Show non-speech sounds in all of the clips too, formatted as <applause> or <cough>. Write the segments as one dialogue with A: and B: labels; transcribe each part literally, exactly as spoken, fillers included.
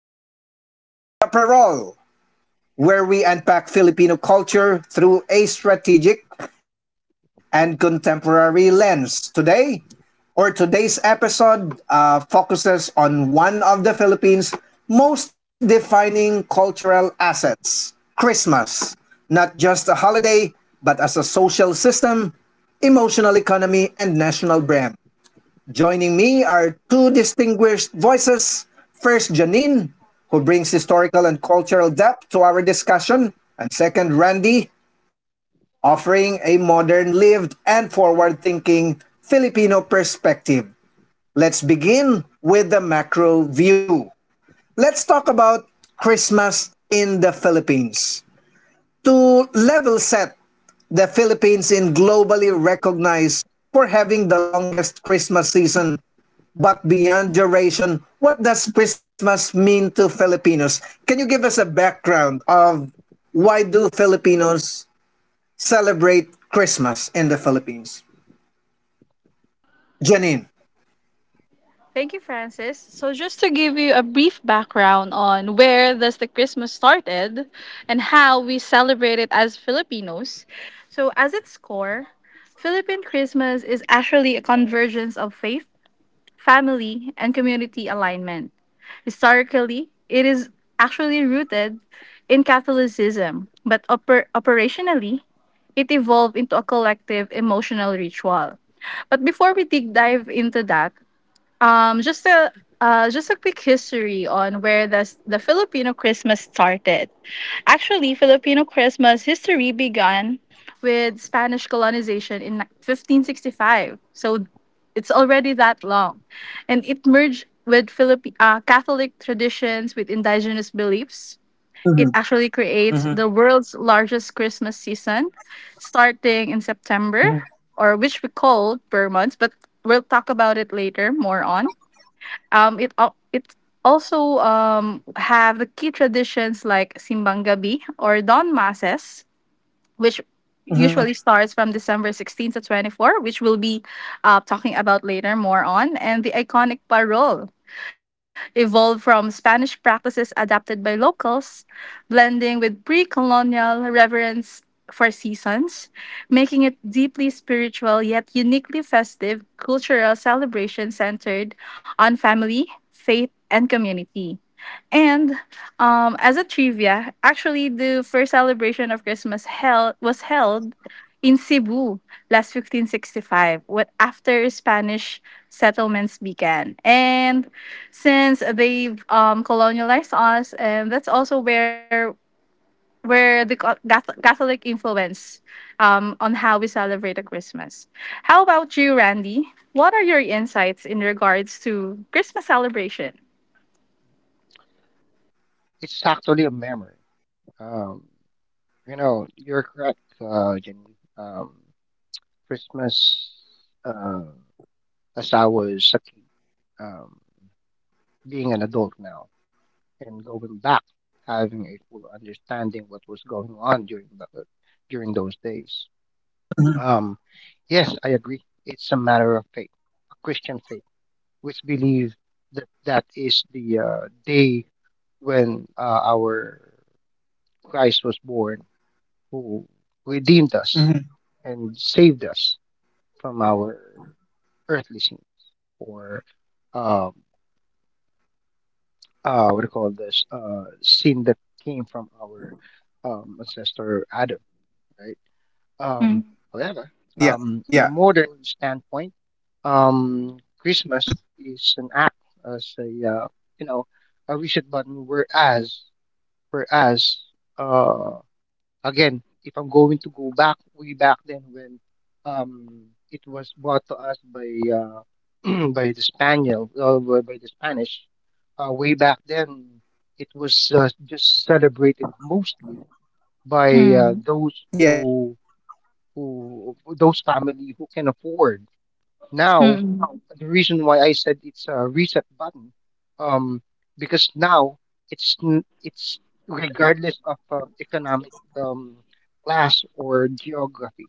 A: to Beyond the Parole, where we unpack Filipino culture through a strategic and contemporary lens. Today, or today's episode, uh, focuses on one of the Philippines' most defining cultural assets Christmas. Not just a holiday, but as a social system, emotional economy, and national brand. Joining me are two distinguished voices. First, Janine, who brings historical and cultural depth to our discussion, and second, Randy, offering a modern, lived, and forward thinking Filipino perspective. Let's begin with the macro view. Let's talk about Christmas in the Philippines. To level set, the Philippines is globally recognized for having the longest Christmas season but beyond duration, what does Christmas mean to Filipinos? Can you give us a background of why do Filipinos celebrate Christmas in the Philippines? Janine.
B: Thank you, Francis. So just to give you a brief background on where does the Christmas started and how we celebrate it as Filipinos. So as its core, Philippine Christmas is actually a convergence of faith, family, and community alignment. Historically, it is actually rooted in Catholicism, but oper- operationally, it evolved into a collective emotional ritual. But before we dig dive into that, um, just a uh, just a quick history on where the the Filipino Christmas started. Actually, Filipino Christmas history began with Spanish colonization in fifteen sixty-five. So it's already that long, and it merged with Philippi- uh, Catholic traditions with indigenous beliefs.
A: hmm
B: It actually
A: hmm
B: creates the world's largest Christmas season, starting in September,
A: hmm
B: or which we call per months, but we'll talk about it later more on. Um, it al- it also um have the key traditions like Simbang Gabi or Dawn Masses, which
A: hmm
B: usually starts from December sixteenth to twenty-four, which we'll be uh, talking about later more on, and the iconic parol, evolved from Spanish practices adapted by locals, blending with pre colonial reverence for seasons, making it deeply spiritual yet uniquely festive cultural celebration centered on family, faith, and community. And um, as a trivia, actually, the first celebration of Christmas held was held in Cebu last fifteen sixty-five, what after Spanish settlements began. And since they've um, colonialized us, and that's also where where the co- Gath- Catholic influence um, on how we celebrate a Christmas. How about you, Randy? What are your insights in regards to Christmas celebration?
C: It's actually a memory. Um, you know, you're correct, uh, Jenny. Um, Christmas, uh, as I was a kid, um, being an adult now and going back, having a full understanding what was going on during the, uh, during those days. Um, yes, I agree. It's a matter of faith, a Christian faith, which believe that that is the uh, day when uh, our Christ was born who redeemed
A: hmm
C: us and saved us from our earthly sins, or um, uh, what do you call this uh, sin that came from our um, ancestor Adam, right? Um,
A: Yeah,
C: However,
A: yeah,
C: um, in a modern standpoint, um, Christmas is an act as a uh, you know a reset button, whereas whereas uh, Again, if I'm going to go back way back then when um, it was brought to us by uh, <clears throat> by the Spaniel uh, by by the Spanish, uh, way back then it was uh, just celebrated mostly by uh,
B: Mm-hmm.
C: those
A: yeah,
C: who who those family who can afford now.
B: Mm-hmm.
C: The reason why I said it's a reset button, um, because now it's n- it's regardless of um, economic um, class or geography,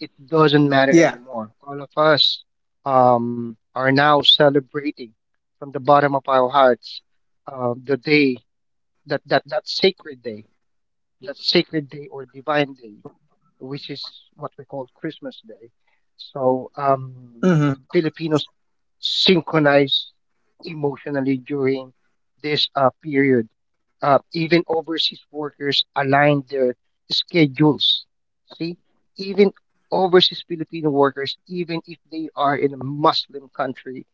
C: it doesn't
A: yeah.
C: matter anymore. All of us um, are now celebrating from the bottom of our hearts uh, the day that, that that sacred day, that sacred day or divine day, which is what we call Christmas Day. So
A: hmm
C: um, Filipinos synchronized emotionally during this uh, period. Uh, even overseas workers align their schedules. See, even overseas Filipino workers, even if they are in a Muslim country,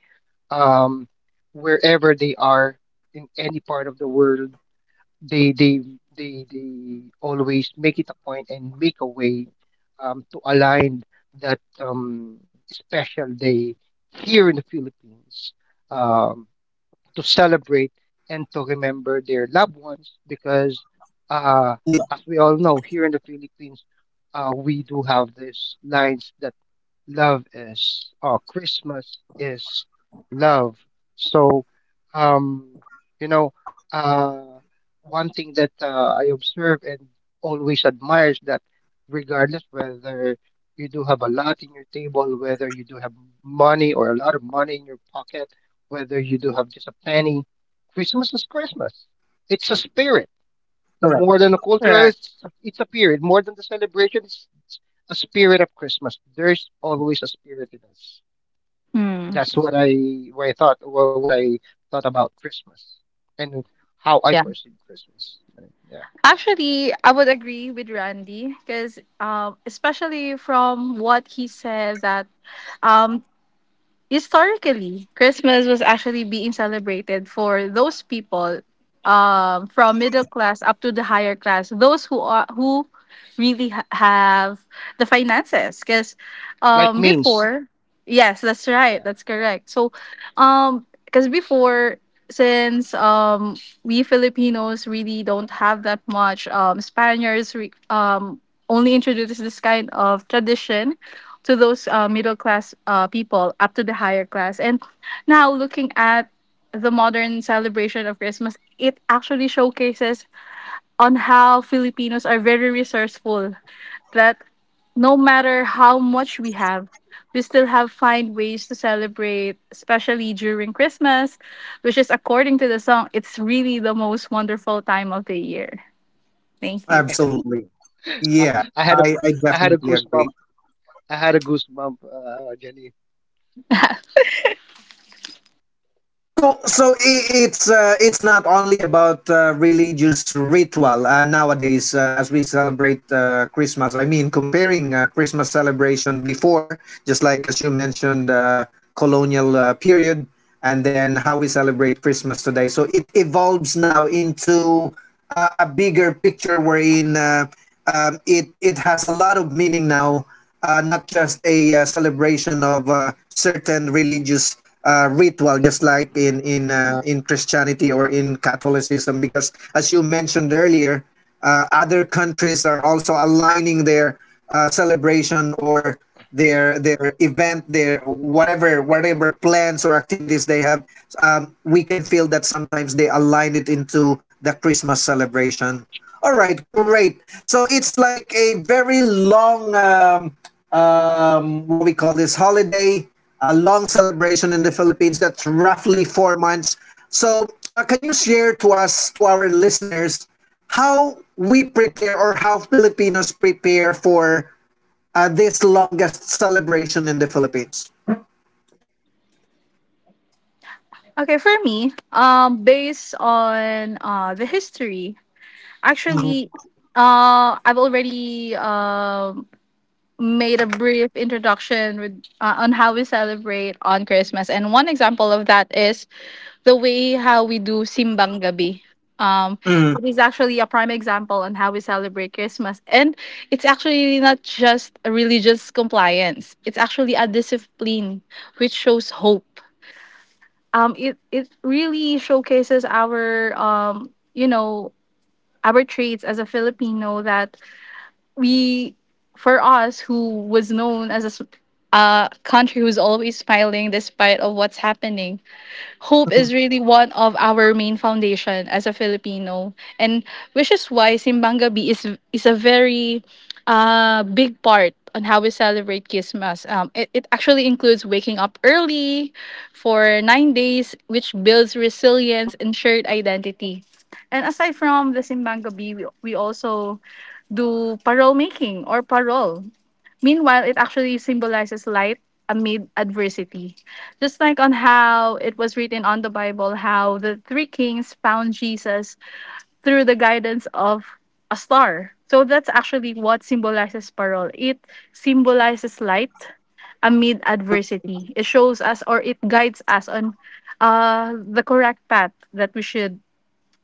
C: um, wherever they are in any part of the world, they they they they always make it a point and make a way um, to align that um, special day here in the Philippines um, to celebrate and to remember their loved ones because
A: Yeah,
C: uh, as we all know here in the Philippines, uh, we do have these lines that love is, or Christmas is love. so um you know uh One thing that uh, I observe and always admire is that regardless whether you do have a lot in your table, whether you do have money or a lot of money in your pocket, whether you do have just a penny, Christmas is Christmas. It's a spirit
A: correct.
C: more than a cultural,
B: Correct.
C: it's, it's a period more than the celebration. It's, it's a spirit of Christmas. There's always a spirit in us.
B: Hmm.
C: That's what i what i thought, or what i thought about Christmas and how I
B: Yeah.
C: perceive Christmas. Yeah,
B: Actually, I would agree with Randy because, um, especially from what he said, that um, historically, Christmas was actually being celebrated for those people um, from middle class up to the higher class, those who are who really ha- have the finances. Because
C: like
B: um,
C: means
B: before, yes, that's right,
C: yeah.
B: that's correct. So, um, because before, since um, we Filipinos really don't have that much, um, Spaniards re- um, only introduced this kind of tradition to those uh, middle class uh, people up to the higher class. And now looking at the modern celebration of Christmas, it actually showcases on how Filipinos are very resourceful. That no matter how much we have, we still have find ways to celebrate, especially during Christmas, which is according to the song, it's really the most wonderful time of the year. Thank you.
A: Absolutely.
C: i,
A: Yeah,
C: I had a,
A: I, I
C: i had a
A: definitely agree.
C: goosebump. I had a goosebump, uh Jenny.
A: So, so i- it's uh, it's not only about uh, religious ritual uh, nowadays uh, as we celebrate uh, Christmas. I mean, comparing uh, Christmas celebration before, just like as you mentioned, uh, colonial uh, period, and then how we celebrate Christmas today. So it evolves now into uh, a bigger picture wherein uh, um, it it has a lot of meaning now, uh, not just a uh, celebration of uh, certain religious uh, ritual, just like in in uh, in Christianity or in Catholicism. Because as you mentioned earlier, uh, other countries are also aligning their uh, celebration or their their event, their whatever whatever plans or activities they have. Um, we can feel that sometimes they align it into the Christmas celebration. All right, great. So it's like a very long, um, um, what we call this holiday, a long celebration in the Philippines that's roughly four months. So, uh, can you share to us, to our listeners, how we prepare or how Filipinos prepare for uh, this longest celebration in the Philippines?
B: Okay, for me, um, based on uh, the history.
A: Mhm,
B: Actually, uh, I've already um made a brief introduction with uh, on how we celebrate on Christmas, and one example of that is the way how we do simbang gabi. Um,
A: mhm,
B: it is actually a prime example on how we celebrate Christmas, and it's actually not just a religious compliance; it's actually a discipline which shows hope. Um, it it really showcases our um, you know, our traits as a Filipino that we, for us who was known as a s- uh, country who's always smiling despite of what's happening. Hope
A: mhm,
B: is really one of our main foundation as a filipino, and which is why simbang gabi is is a very uh, big part on how we celebrate Christmas. Um, it, it actually includes waking up early for nine days, which builds resilience and shared identity. And aside from the Simbang Gabi, we, we also do parole making or parole. Meanwhile, it actually symbolizes light amid adversity. Just like on how it was written on the Bible, how the three kings found Jesus through the guidance of a star. So that's actually what symbolizes parole. It symbolizes light amid adversity. It shows us or it guides us on uh, the correct path that we should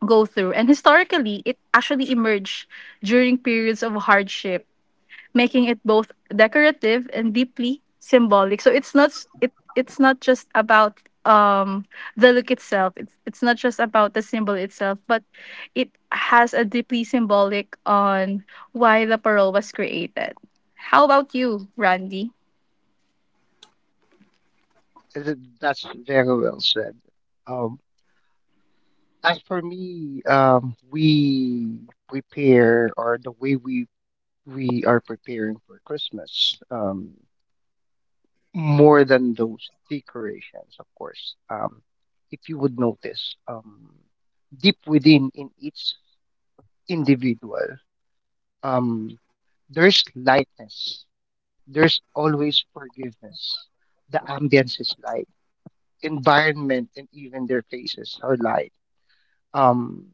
B: go through. And historically, it actually emerged during periods of hardship, making it both decorative and deeply symbolic. So it's not s- it it's not just about um the look itself. It's it's not just about the symbol itself, but it has a deeply symbolic on why the parole was created. How about you, Randy?
C: Is That's very well said. Um as for me um we prepare, or the way we we are preparing for Christmas, um, more than those decorations, of course. Um, if you would notice, um, deep within in each individual, um, there's lightness. There's always forgiveness. The ambience is light. Environment and even their faces are light. Um,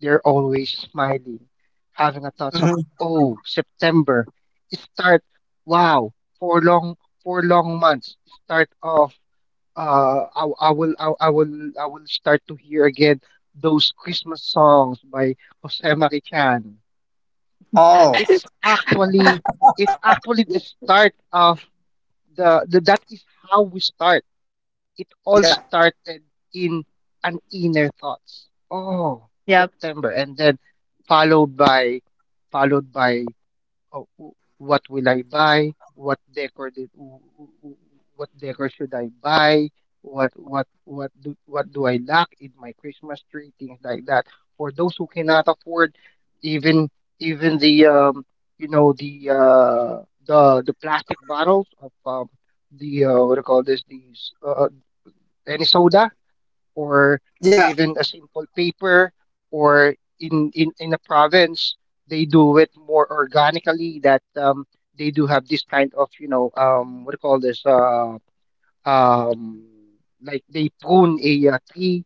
C: they're always smiling, having a thought of,
A: mhm.
C: oh, September. It start, wow, four long, four long months, start of, uh, I, I will, I, I will, I will start to hear again those Christmas songs by Jose Marichan.
A: Oh,
C: It's actually, it's actually the start of the, the that is how we start, it all
A: yeah,
C: started in an inner thoughts. Oh,
B: Yep.
C: September, and then followed by followed by oh, w- what will I buy? What decor did, w- w- w- What decor should I buy? What what what do what do I lack in my Christmas tree? Things like that. For those who cannot afford, even even the um you know the uh the the plastic bottles of um the uh, what do you call this? These uh, any soda, or
A: yeah,
C: even a simple paper, or in in in a province, they do it more organically. That um They do have this kind of, you know um what do you call this, uh um like they prune a uh, tree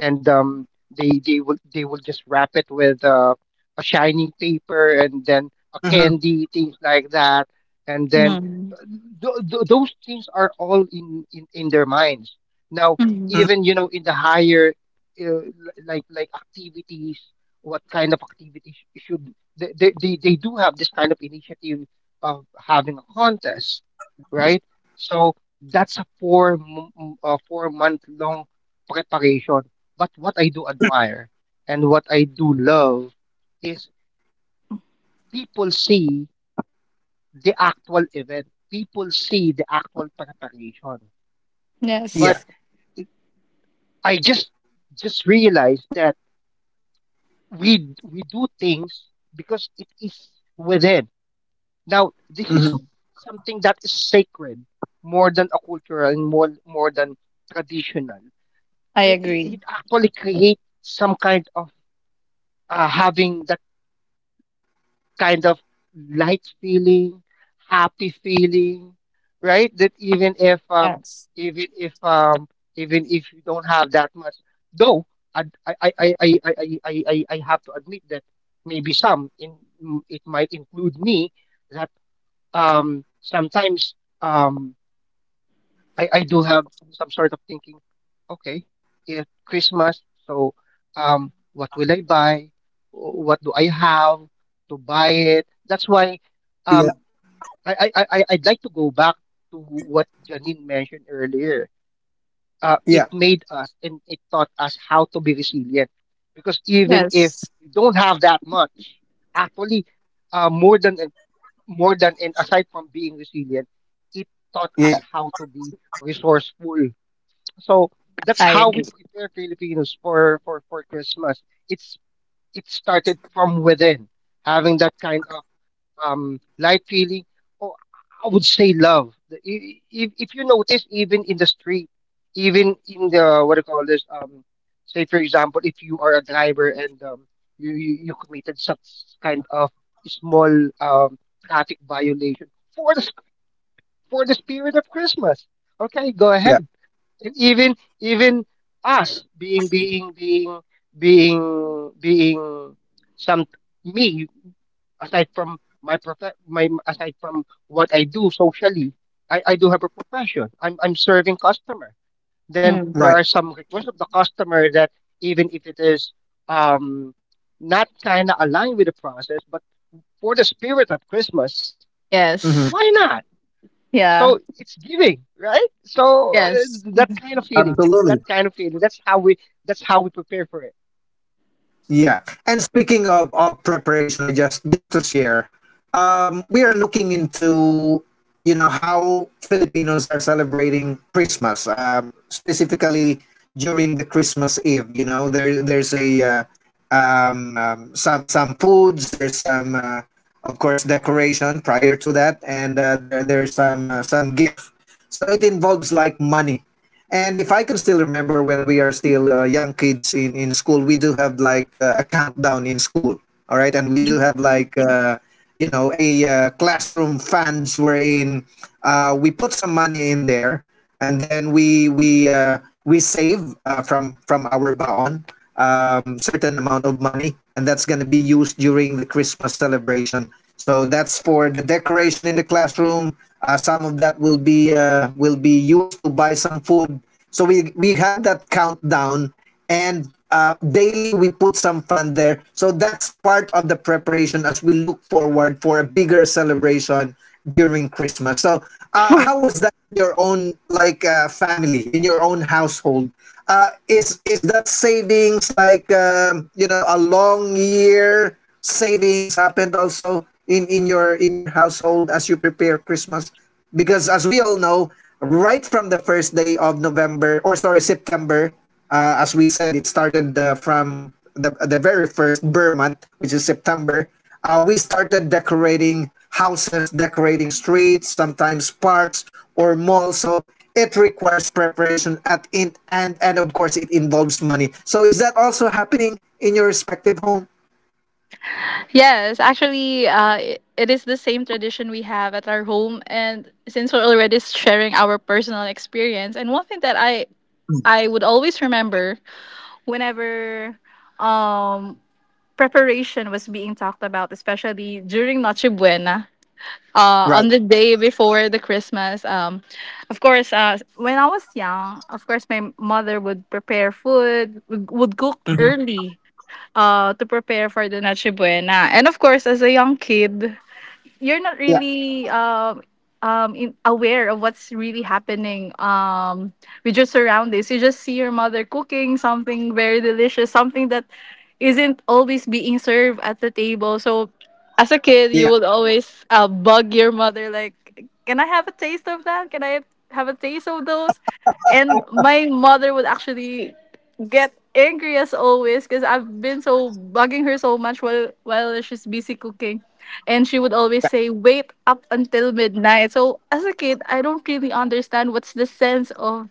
C: and um, they they will they will just wrap it with uh, a shiny paper and then a
A: mhm,
C: candy, things like that, and then
B: Mm.
C: uh, th- th- those things are all in, in in their minds. Now,
B: Mhm.
A: mhm,
C: even you know in the higher uh, l- like like activities, what kind of activities should they they, they they do have this kind of initiative of having a contest, right? So that's a four m- m- a four month long preparation, but what I do admire and what I do love is people see the actual event, people see the actual preparation. But
A: yeah,
B: Yes,
C: it- I just just realized that we we do things because it is within. Now this is
A: mhm,
C: something that is sacred more than a cultural and more more than traditional.
B: I
C: It,
B: agree.
C: it actually creates some kind of uh, having kind of light feeling, happy feeling, right? That even if um
B: Yes.
C: even if um even if you don't have that much, though I I I I I I I, I I have to admit that maybe some in m- it might include me that um sometimes um I, I do have some sort of thinking. Okay, it's Christmas, so um, what will I buy? Wh- What do I have to buy it? That's why
A: yeah,
C: um, I, I, I, I- I'd like to go back to what Janine mentioned earlier. Uh, it
A: yeah,
C: made us and it taught us how to be resilient because even if
B: Yes,
C: you don't have that much, actually, uh, more than more than and aside from being resilient, it taught
A: yeah,
C: us how to be resourceful. So that's
B: I
C: how
B: agree.
C: we prepare Filipinos for, for, for Christmas. It's, it started from within, having that kind of um, light feeling, or I would say love. The- i- If, if you notice, even in the street, even in the what do you call this? Um, say for example, if you are a driver and um, you, you you committed such kind of small um, traffic violation, for the for the spirit of Christmas. Okay, go
A: yeah,
C: ahead. And even even us being being being being being some me, aside from my prof- my aside from what I do socially, I, I do have a profession. I'm I'm serving customer. Then
B: Mm.
C: there are
A: right.
C: some requests of the customer that even if it is um not kinda aligned with the process, but for the spirit of Christmas, why
B: Yes.
A: hmm
C: not? So
B: Yeah.
C: it's giving, right? So uh,
B: Yes.
C: that kind of feeling,
A: Absolutely.
C: that kind of feeling, that's how we, that's how we prepare for it.
A: Yeah. And speaking of, of preparation, I just just to share, we are looking into you know how Filipinos are celebrating Christmas, um, specifically during the Christmas Eve. You know, there there's a uh, um, um, some some foods. There's some, uh, of course, decoration prior to that, and uh, there there's some uh, some gift. So it involves like money. And if I can still remember when we are still uh, young kids in, in school, we do have like uh, a countdown in school. All right. And we do have like, uh, you know, a uh, classroom funds wherein uh, we put some money in there and then we, we, uh, we save uh, from, from our baon, um, certain amount of money and that's going to be used during the Christmas celebration. So that's for the decoration in the classroom, uh, some of that will be uh, will be used to buy some food. So we we have that countdown, and uh, daily we put some fund there. So that's part of the preparation as we look forward for a bigger celebration during Christmas. So uh, how
B: <laughs>
A: was that in your own like uh, family, in your own household? Uh, is is that savings like um, you know, a long year savings happened also in in your in your household as you prepare Christmas? Because as we all know, right from the first day of November or sorry September, uh, as we said, it started uh, from the the very first Burr month, which is September. Uh, we started decorating houses, decorating streets, sometimes parks or malls. So it requires preparation at in and and of course it involves money. So is that also happening in your respective home?
B: Yes, actually, uh, i- it is the same tradition we have at our home. And since we're already sharing our personal experience, and one thing that I I would always remember whenever um preparation was being talked about, especially during Noche Buena, uh,
A: Right.
B: on the day before the Christmas. Um, of course, uh, when I was young, of course, my mother would prepare food, would would cook
A: Mhm.
B: early uh, to prepare for the Noche Buena. And of course, as a young kid, you're not
A: Yeah,
B: really um um in, aware of what's really happening um with your surroundings. You just see your mother cooking something very delicious, something that isn't always being served at the table. So as a kid, you
A: yeah,
B: would always uh, bug your mother like, "Can I have a taste of that? Can I have a taste of those?" And my mother would actually get angry as always because I've been so bugging her so much while while she's busy cooking. And she would always
A: yeah,
B: say, wait up until midnight. So as a kid, I don't really understand what's the sense of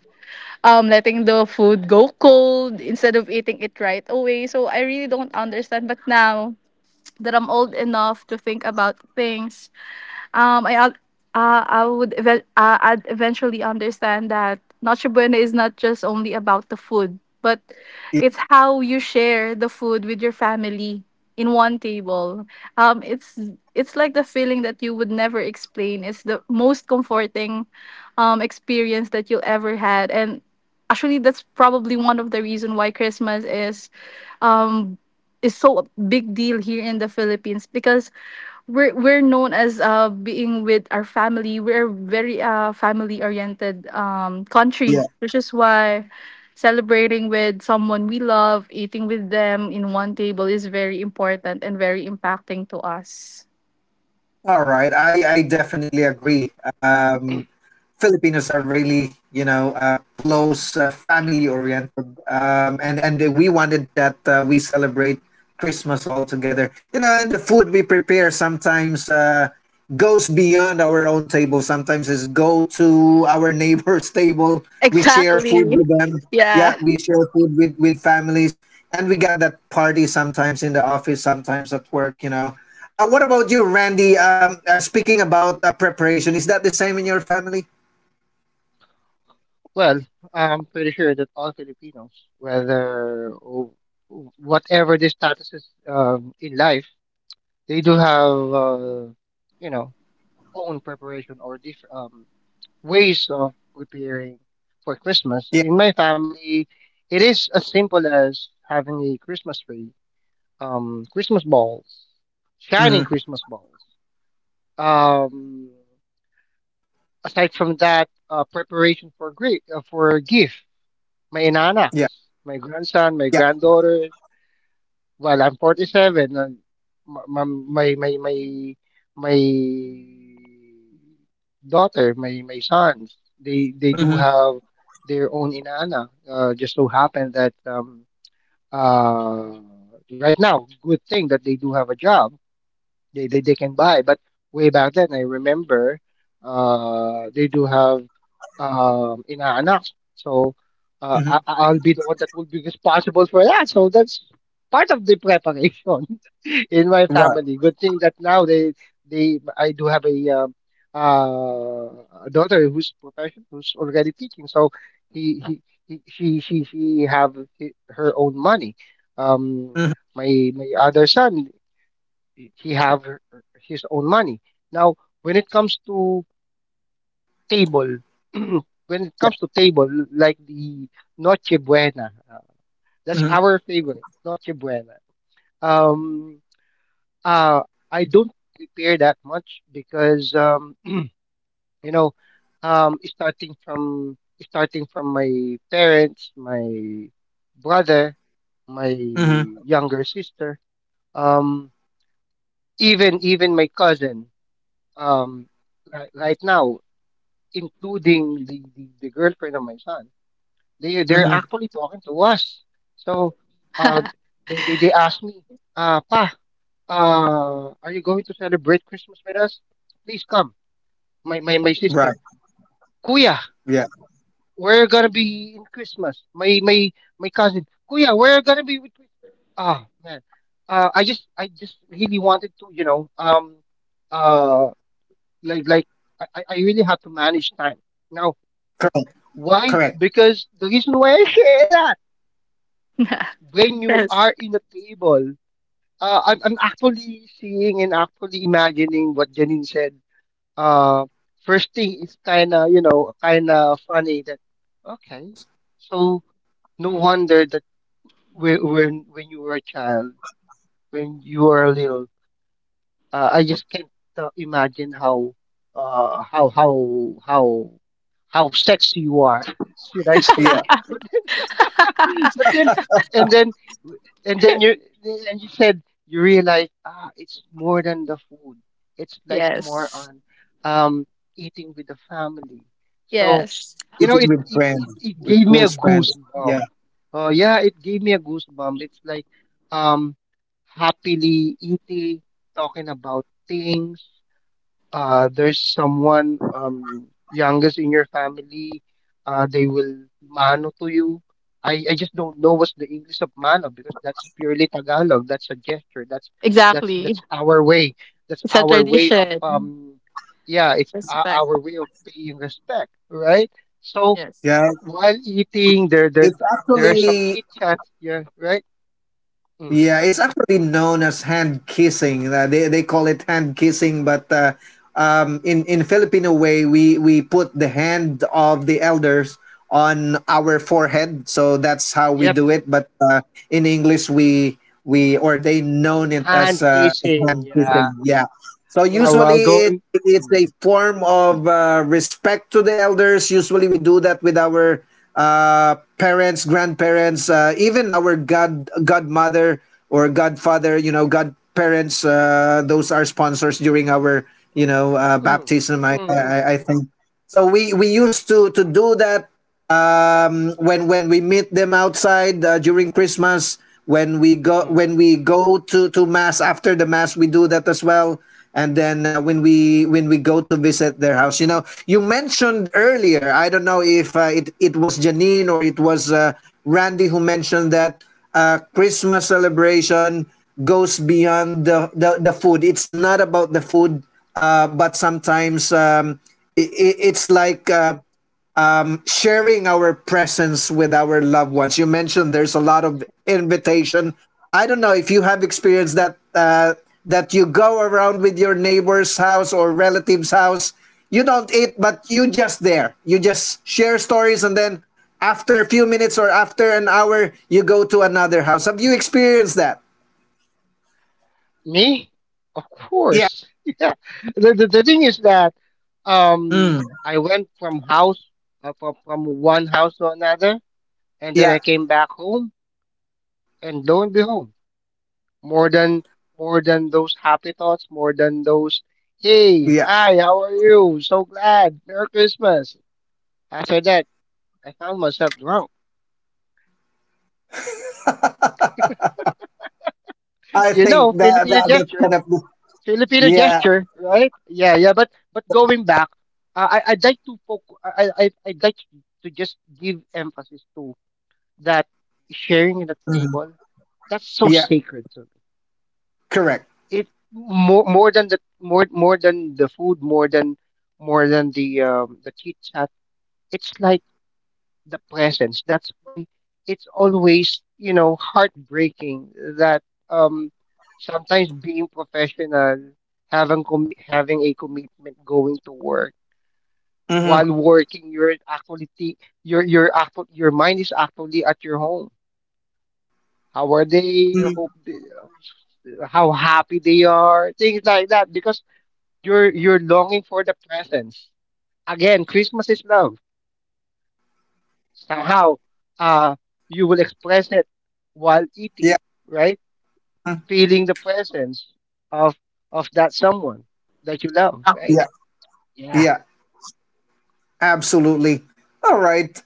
B: um, letting the food go cold instead of eating it right away. So I really don't understand. But now that I'm old enough to think about things, Um, I ag- uh, I would ev- uh, I'd eventually understand that Noche Buena is not just only about the food, but
A: yeah,
B: it's how you share the food with your family in one table. Um, it's it's like the feeling that you would never explain. It's the most comforting um, experience that you'll ever had, and actually, that's probably one of the reason why Christmas is um, is so a big deal here in the Philippines because we're we're known as uh being with our family. We're very uh family oriented um country,
A: yeah.
B: which is why celebrating with someone we love, eating with them in one table is very important and very impacting to us.
A: All right, I I definitely agree. Um, Filipinos are really, you know, uh, close, uh, family-oriented, um, and and we wanted that uh, we celebrate Christmas all together. You know, and the food we prepare sometimes uh, goes beyond our own table. Sometimes it's go to our neighbor's <laughs> table. We share food
B: Exactly.
A: with them. Yeah,
B: Yeah.
A: we share food with with families, and we got that party sometimes in the office, sometimes at work. You know. Uh, what about you, Randy? Um, uh, speaking about uh, preparation, is that the same in your family?
C: Well, I'm pretty sure that all Filipinos, whether w- whatever their status is um, in life, they do have, uh, you know own preparation or different um, ways of preparing for Christmas.
A: Yeah.
C: In my family, it is as simple as having a Christmas tree, um, Christmas balls, shining
A: Mm-hmm.
C: Christmas balls. Um, Aside from that, uh, preparation for great uh, for gift, my
A: Yeah.
C: inanaks, my grandson, my
A: Yeah.
C: granddaughters.
B: Yeah.
C: Well, I'm forty-seven, and my my my my my daughter, my my sons, they they do
A: Mm-hmm.
C: have their own inana. Uh, just so happen that um uh right now, good thing that they do have a job, they, they they can buy. But way back then, I remember uh, they do have um, inaanak. So uh, I,
A: Mm-hmm.
C: I- I'll be the one that will be responsible for that. So that's part of the
B: <laughs>
C: preparation <laughs>
B: Yes.
C: in my
A: Right.
C: family. Good thing that now they they I do have a um, uh, a daughter who's profession, who's already teaching. So he he. He, she she she have hi- her own money. Um,
A: Mm-hmm.
C: my my other son, he have her- his own money. Now, when it comes to table, <clears throat> when it
A: Yeah.
C: comes to table, like the Noche Buena, uh, that's
A: Mm-hmm.
C: our favorite Noche Buena. Um, uh, I don't prepare that much because um, <clears throat> you know, um, starting from starting from my parents, my brother, my
A: Mm-hmm.
C: younger sister, um, even even my cousin um right, right now, including the, the, the girlfriend of my son, they they're
A: Mm-hmm.
C: actually talking to us. So uh they they, they asked me, uh Pa, uh, are you going to celebrate Christmas with us? Please come. My my, my
A: Right.
C: sister. Kuya,
A: Yeah.
C: we're gonna be in Christmas. My my my cousin. Kuya, we're gonna be with Chris-" Ah man. Uh I just I just really wanted to, you know, um uh like like I, I I really have to manage time. Now,
A: Correct.
C: why?
A: Correct.
C: Because the reason why I say that when
B: <laughs>
C: you are
B: Yes.
C: in a table, uh, I'm, I'm actually seeing and actually imagining what Janine said. Uh, first thing is kind of, you know, kind of funny that, okay, so no wonder that when, when, when you were a child, when you were a little, uh, I just can't uh, imagine how, uh, how, how, how, how sexy you are, <laughs> should I say.
A: Yeah.
B: <laughs>
C: But <laughs> but then and then and then you and you said you realize, ah, it's more than the food. It's like more
B: Yes.
C: on um eating with the family. So
B: Yes.
C: you know
A: Eating
C: it
A: with
C: it, it,
A: friends,
C: it
A: with
C: gave me a
A: close friends.
C: goosebump.
A: Yeah.
C: Oh yeah, it gave me a goosebump. It's like um happily eating, talking about things. Uh, there's someone, um, youngest in your family, uh, they will mano to you. I, I just don't know what's the English of mano because that's purely Tagalog. That's a gesture. That's that's
B: Exactly.
C: that's our way. That's
B: It's a
C: our way of
B: tradition.
C: um yeah, it's uh,
B: Respect.
C: our way of paying respect, right? So
B: Yes.
A: Yeah.
C: while eating, there there
A: It's
C: there are some
A: actually
C: chit chats, yeah, right? Mm,
A: yeah. It's actually known as hand kissing. Uh, they they call it hand kissing, but. Uh, um, in in Filipino way, we we put the hand of the elders on our forehead, so that's how we
C: yep,
A: do it. But uh, in English, we we or they known it
C: hand
A: as uh, as
C: kissing,
A: hand kissing.
C: yeah.
A: Yeah. So
C: While while
A: usually it
C: going,
A: it's
C: mm,
A: a form of uh, respect to the elders. Usually we do that with our uh, parents, grandparents, uh, even our god godmother or godfather. You know, godparents. Uh, those are sponsors during our you know uh,
C: mm,
A: baptism. I
C: mm, mm.
A: I, I think so. We we used to to do that um, when when we meet them outside uh, during Christmas, when we go
C: Mm.
A: when we go to to mass after the mass, we do that as well. And then uh, when we when we go to visit their house, you know, you mentioned earlier. I don't know if uh, it it was Janine or it was uh, Randy who mentioned that uh, Christmas celebration goes beyond the, the the food. It's not about the food, uh, but sometimes um, i i- it's like uh, sharing our presence with our loved ones. You mentioned there's a lot of invitation. I don't know if you have experienced that uh, that you go around with your neighbor's house or relative's house. You don't eat, but you just there. You just share stories, and then after a few minutes or after an hour, you go to another house. Have you experienced that?
C: Me? Of
A: Yeah,
C: course. <laughs> Yeah. The, the, the thing is that um
A: mm,
C: I went from house, uh, from, from one house to another, and then I
A: yeah,
C: came back home and lo and behold, more than more than those happy thoughts, more than those hey,
A: yeah.
C: hi, how are you? So glad. Merry Christmas. After that, I found myself drunk. <laughs>
A: I
C: You
A: think
C: know,
A: that
C: Filipino
A: that that
C: gestures.
A: kind of
C: Filipino
A: yeah,
C: gesture, right? Yeah, yeah. But but going back, uh, I I'd like to focus. I I I'd like to just give emphasis to that sharing in the
A: Mhm.
C: table. That's so
A: Yeah,
C: sacred to me.
A: correct.
C: It more more than the more more than the food, more than more than the um the chit chat. It's like the presence. That's why it's always, you know, heartbreaking that um, sometimes being professional, having com- having a commitment going to work
A: hmm
C: while working, you're actually thi- your your actual your mind is actually at your home. How are they?
A: hmm
C: Hope they, how happy they are. Things like that because you're you're longing for the presence. Again, Christmas is love. Somehow uh, you will express it while eating,
A: Yeah.
C: right?
A: Mm-hmm.
C: Feeling the presence of of that someone that you love, right?
A: Yeah.
C: Yeah.
A: Yeah, absolutely. All right.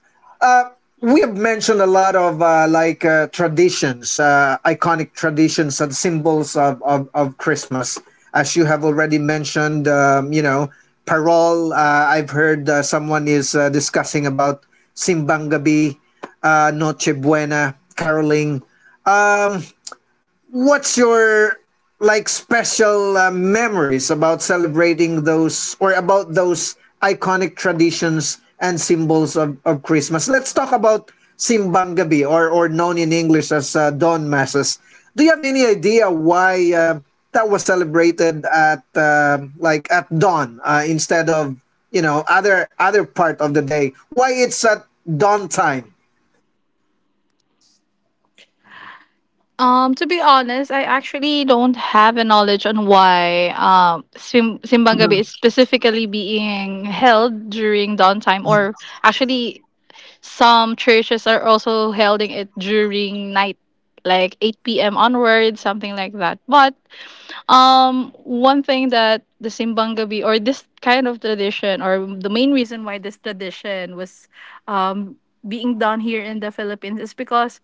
A: We have mentioned a lot of uh, like uh, traditions, uh, iconic traditions and symbols of, of, of Christmas. As you have already mentioned, um, you know, parol. Uh, I've heard uh, someone is uh, discussing about Simbang Gabi, uh, Noche Buena, caroling. What's your like special uh, memories about celebrating those or about those iconic traditions and symbols of, of Christmas? Let's talk about Simbang Gabi, or, or known in English as uh, Dawn Masses. Do you have any idea why uh, that was celebrated at uh, like at dawn uh, instead of you know other other part of the day? Why it's at dawn time?
D: Um, to be honest, I actually don't have a knowledge on why um Sim- Simbang Gabi is
A: Mhm.
D: specifically being held during downtime, or actually, some churches are also holding it during night, like eight p m onwards, something like that. But Um, one thing that the Simbang Gabi or this kind of tradition or the main reason why this tradition was um, being done here in the Philippines is because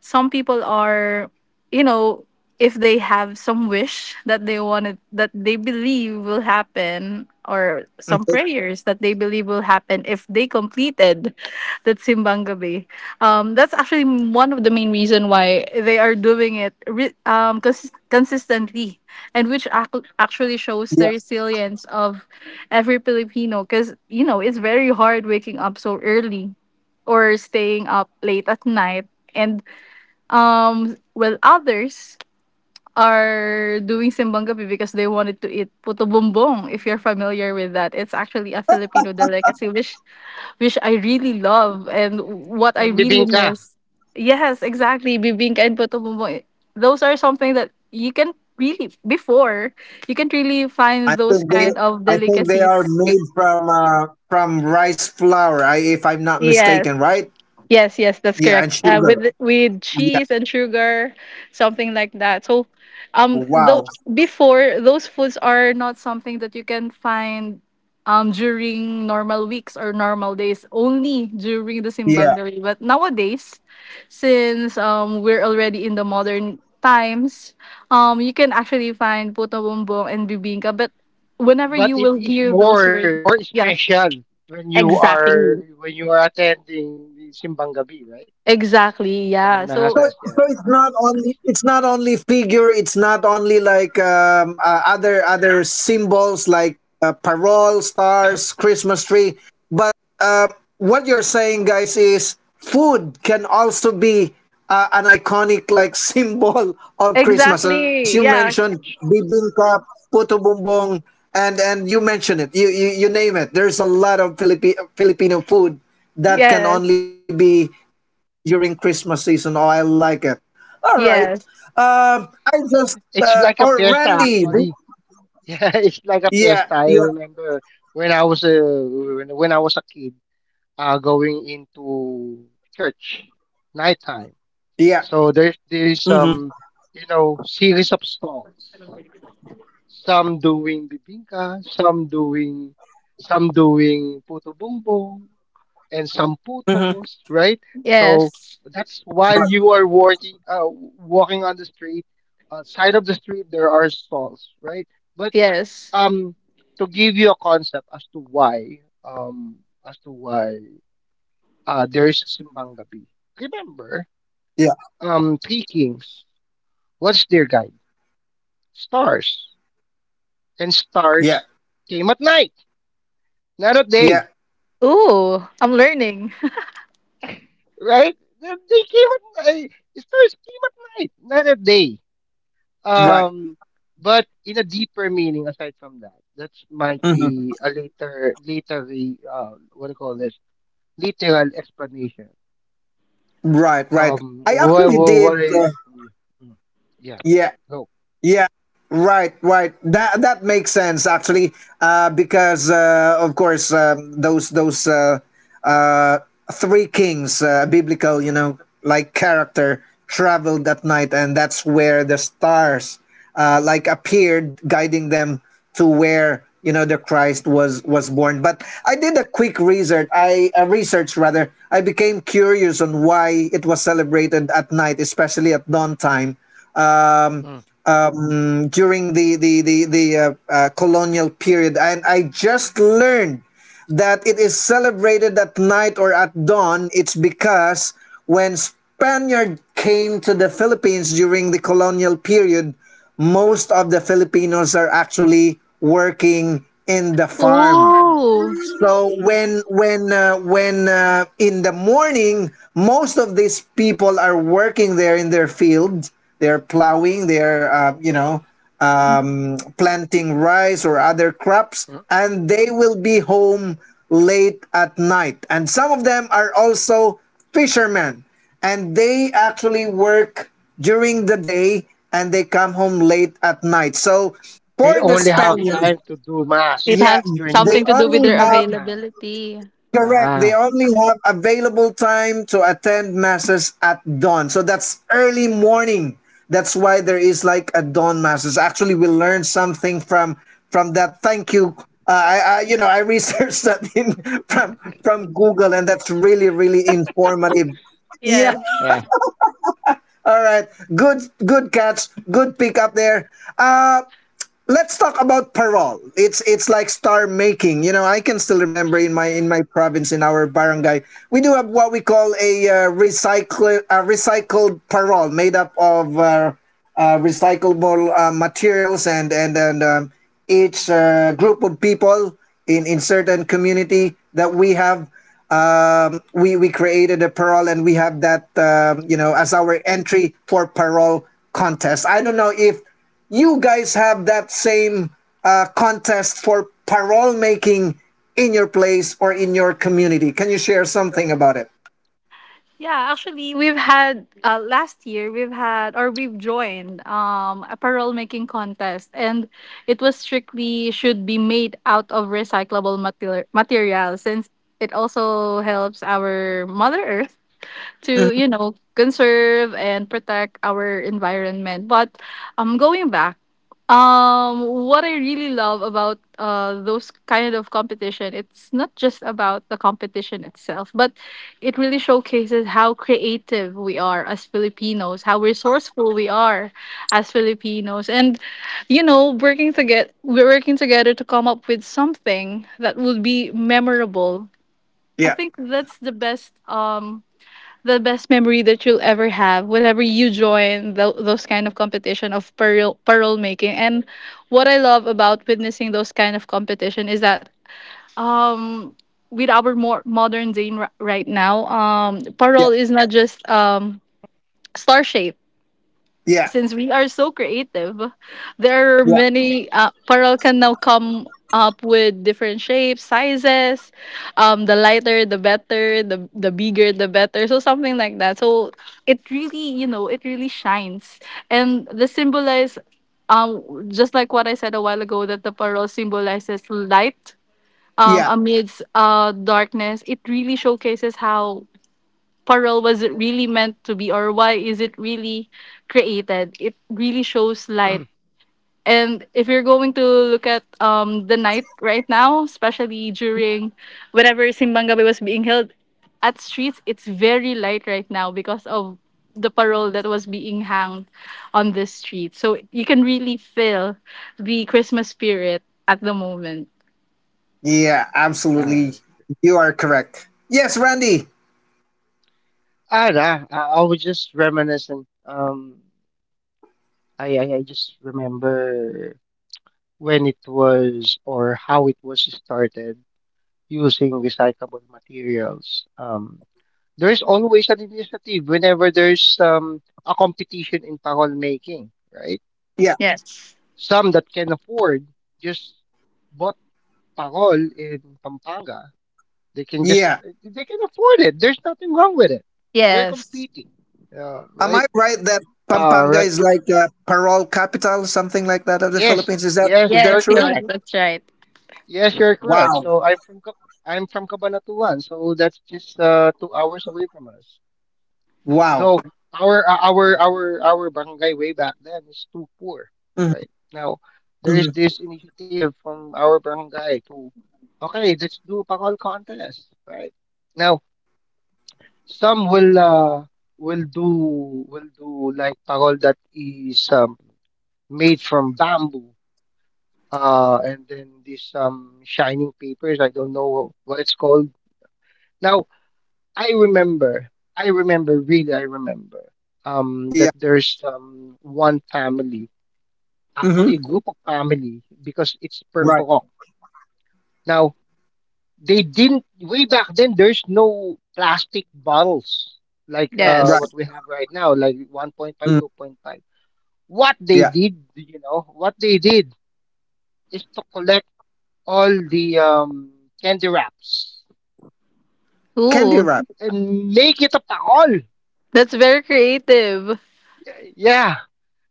D: some people are, you know, if they have some wish that they wanted that they believe will happen or some
A: Okay.
D: prayers that they believe will happen if they completed that Simbang Gabi. Um, that's actually one of the main reason why they are doing it re- um, cons- consistently, and which ac- actually shows the resilience of every Filipino because you know it's very hard waking up so early or staying up late at night. And um well others are doing simbanggabi because they wanted to eat puto bumbong. If you're familiar with that, it's actually a Filipino delicacy which which I really love and what I
C: And the
D: really
C: bingka.
D: miss. Yes, exactly. Bibingka and puto bumbong. eh, Those are something that you can really before you can really
A: I
D: find those
A: think they
D: kind of
A: I think they are
D: delicacies.
A: made from uh, from rice flour, I, if I'm not
D: Yes.
A: mistaken, right?
D: Yes, yes, that's correct.
A: Yeah, and
D: Uh, with
A: sugar.
D: with cheese and sugar, something like that. So, um, though
A: Wow.
D: before those foods are not something that you can find, um, during normal weeks or normal days, only during the
A: Yeah.
D: simbang day. But nowadays, since um we're already in the modern times, um, you can actually find puto bumbong and bibingka. But whenever
C: But
D: you
C: it
D: will
C: is
D: hear those
C: more
D: words,
C: more
D: yeah,
C: special when you are
D: exactly.
C: when you are attending the Simbang Gabi, right?
D: Exactly,
C: Don
D: yeah.
A: So,
D: So
C: Masas,
A: so it's not
C: yeah.
A: only it's not only figure. It's not only like um, uh, other other symbols like uh, parole, stars, Christmas tree. But um, what you're saying, guys, is food can also be uh, an iconic like <laughs> symbol of Christmas, as you
D: exactly.
A: mentioned,
D: Yeah.
A: bibingka, puto bumbong, and and you mentioned it. You you, you name it. There's a lot of Philippi- Filipino food that can only
D: Yes.
A: be during Christmas season. Oh, I like it. All right.
D: Yes.
A: Um, I just
C: It's
A: uh,
C: like a
A: or
C: fiesta,
A: Randy.
C: actually. Yeah, <laughs> it's like a
A: Yeah,
C: fiesta. I
A: yeah,
C: remember when I was a when, when I was a kid, uh, going into church, nighttime.
A: yeah.
C: So there there is
A: Mm-hmm.
C: some, you know, series of stalls. Some doing bibingka, some doing some doing puto bumbong, and some
A: Mm-hmm.
C: putos, right? So
D: Yes.
C: that's while you are working, uh, walking on the street. Outside of the street, there are stalls, right? But
D: Yes.
C: um to give you a concept as to why um as to why uh there is a Simbang Gabi. Remember,
A: Yeah,
C: um Three Kings, what's their guide? Stars. And
A: yeah,
C: stars came at night, not at day.
A: yeah.
D: Ooh, I'm learning.
C: Right? They they came at night. Stars came at night, not at day.
A: Right.
C: Um but in a deeper meaning aside from that, that might
A: Mm-hmm.
C: be a later later, the, uh, what do you call this? Literal explanation.
A: Right, right.
C: Um,
A: I
C: what,
A: actually
C: what,
A: did.
C: what I,
A: Uh,
C: Mm, mm, yeah,
A: yeah,
C: no,
A: Yeah, right, right. That that makes sense actually, uh, because uh, of course um, those those uh, uh, three kings, uh, biblical, you know, like character traveled that night, and that's where the stars uh, like appeared, guiding them to where you know the Christ was was born. But I did a quick research. I uh, research rather. I became curious on why it was celebrated at night, especially at dawn time. Um,
C: mm,
A: um, During the the the, the uh, uh, colonial period, and I just learned that it is celebrated at night or at dawn. It's because when Spaniard came to the Philippines during the colonial period, most of the Filipinos are actually working in the
D: <laughs>
A: farm.
D: Ooh,
A: So when when uh, when uh, in the morning, most of these people are working there in their fields. They're plowing. They're uh, you know um, planting rice or other crops,
C: mm.
A: and they will be home late at night. And some of them are also fishermen, and they actually work during the day and they come home late at night. So
C: They
A: for the
C: only have
A: Spaniards,
C: time to do mass
D: it
A: yeah,
D: has
C: during
A: they
C: time,
D: something to do
C: the
D: with
A: only
D: their
C: night
A: have
C: time.
D: availability.
A: Correct. They
C: Ah,
A: only have available time to attend masses at dawn. So that's early morning. That's why there is like a dawn masses. Actually, we learned something from from that. Thank you. Uh, I, I you know I researched <laughs> that in from from Google, and that's really really informative. Yeah.
D: Yes.
C: yeah.
A: <laughs> All right. Good good catch. Good pick up there. Uh, let's talk about parole. It's it's like star making. You know, I can still remember in my in my province, in our barangay, we do have what we call a uh, recycle a recycled parole made up of uh, uh, recyclable uh, materials, and and and um, each uh, group of people in in certain community that we have, um, we we created a parole, and we have that, um, you know as our entry for parole contest. I don't know if you guys have that same uh, contest for parole making in your place or in your community. Can you share something about it?
D: Yeah, actually we've had uh, last year we've had, or we've joined, um apparel making contest. And it was strictly should be made out of recyclable material material since it also helps our mother earth to
A: Mhm.
D: you know conserve and protect our environment. But um going back, um what I really love about uh those kind of competition, it's not just about the competition itself, but it really showcases how creative we are as Filipinos, how resourceful we are as Filipinos. And you know working together we're working together to come up with something that will be memorable. I
A: Yeah,
D: think that's the best um the best memory that you'll ever have whenever you join tho- those kind of competition of pearl pearl making. And what I love about witnessing those kind of competition is that, um with our more modern day r- right now, um
A: yeah,
D: pearl is not just um star shaped.
A: yeah,
D: Since we are so creative, there are
A: yeah,
D: many. Uh, Paral can now come up with different shapes, sizes. Um, the lighter, the better. The the bigger, the better. So something like that. So it really, you know, it really shines, and the symbolize. Um, just like what I said a while ago, that the pearl symbolizes light, um,
A: yeah,
D: amidst uh, darkness. It really showcases how parole was, it really meant to be, or why is it really created, it really shows light. And if you're going to look at um the night right now, especially during whenever simbang gabi was being held at streets, it's very light right now because of the parole that was being hanged on the street. So you can really feel the Christmas spirit at the moment.
A: yeah, absolutely.
C: Uh,
A: You are correct. Yes, Randy.
C: I don't know. I, I was just reminiscing. Um, I, I, I just remember when it was or how it was started using recyclable materials. Um, there's always an initiative whenever there's um a competition in parol making, right?
A: Yeah,
D: Yes,
C: Some that can afford just bought parol in Pampanga. They can just
A: yeah.
C: they can afford it. There's nothing wrong with it. They're
D: yes,
C: competing. Uh,
A: Am
C: right?
A: I right that
C: Uh,
A: Pampanga
C: right.
A: is like uh, parole capital, something like that, of the
C: Yes.
A: Philippines? Is that
C: Yes,
A: is that
D: yes,
C: you're
A: true?
D: yes,
C: correct.
D: that's right.
C: Yes, you're correct.
A: Wow,
C: So I'm from Ca- I'm from Cabanatuan, so that's just uh, two hours away from us.
A: wow.
C: Though our uh, our our our barangay way back then is too poor.
A: Mhm,
C: Right now, there is
A: mhm.
C: this initiative from our barangay to, okay, let's do pangol contest. Right now, some will uh will do will do like pangol that is um made from bamboo. Uh, and then this um shining papers. I don't know what it's called. Now I remember. I remember, really, I remember um, that
A: Yeah,
C: there's um, one family,
A: hmm,
C: actually a group of family, because it's per
A: right,
C: purok. Now, they didn't, way back then, there's no plastic bottles like, uh,
A: right.
C: what
D: Yes.
C: we have right now, like one point five,
A: Mm,
C: two point five. What they
A: yeah.
C: did, you know, what they did is to collect all the, um, candy wraps
A: Candy
D: Ooh,
A: wrap.
C: and make it a paol.
D: that's very creative.
C: Yeah. Yeah.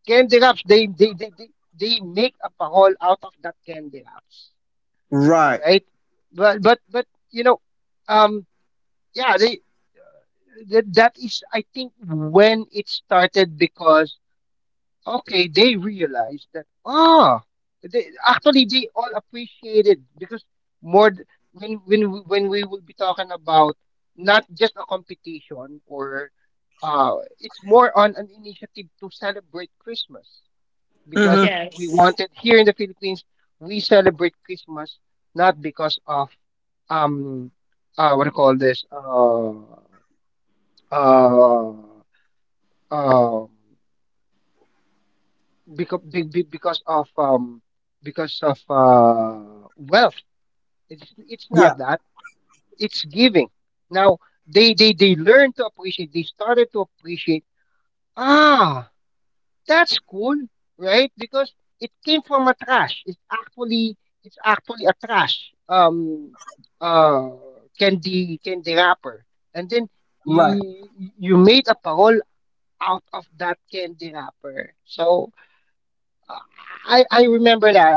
C: Candy wraps, they they they, they, they make a parole out of that candy wraps,
A: Right.
C: right? but but but You know, um yeah they that that is, I think, when it started because, okay, they realized that, ah, they, actually they all appreciated because more th- when when we- when we will be talking about not just a competition or, uh, it's more on an initiative to celebrate Christmas, because
A: Mm-hmm.
D: Yes.
C: we wanted, here in the Philippines we celebrate Christmas not because of, um uh what do you call this, uh uh uh because because of, um because of, uh wealth. it's it's
A: Yeah.
C: not that. It's giving. Now they they they learn to appreciate, they started to appreciate, ah, that's cool, right? Because it came from a trash. It's actually it's actually a trash, um uh candy, candy wrapper. And then
A: Right.
C: you you made a parole out of that candy wrapper. So, uh, I I remember that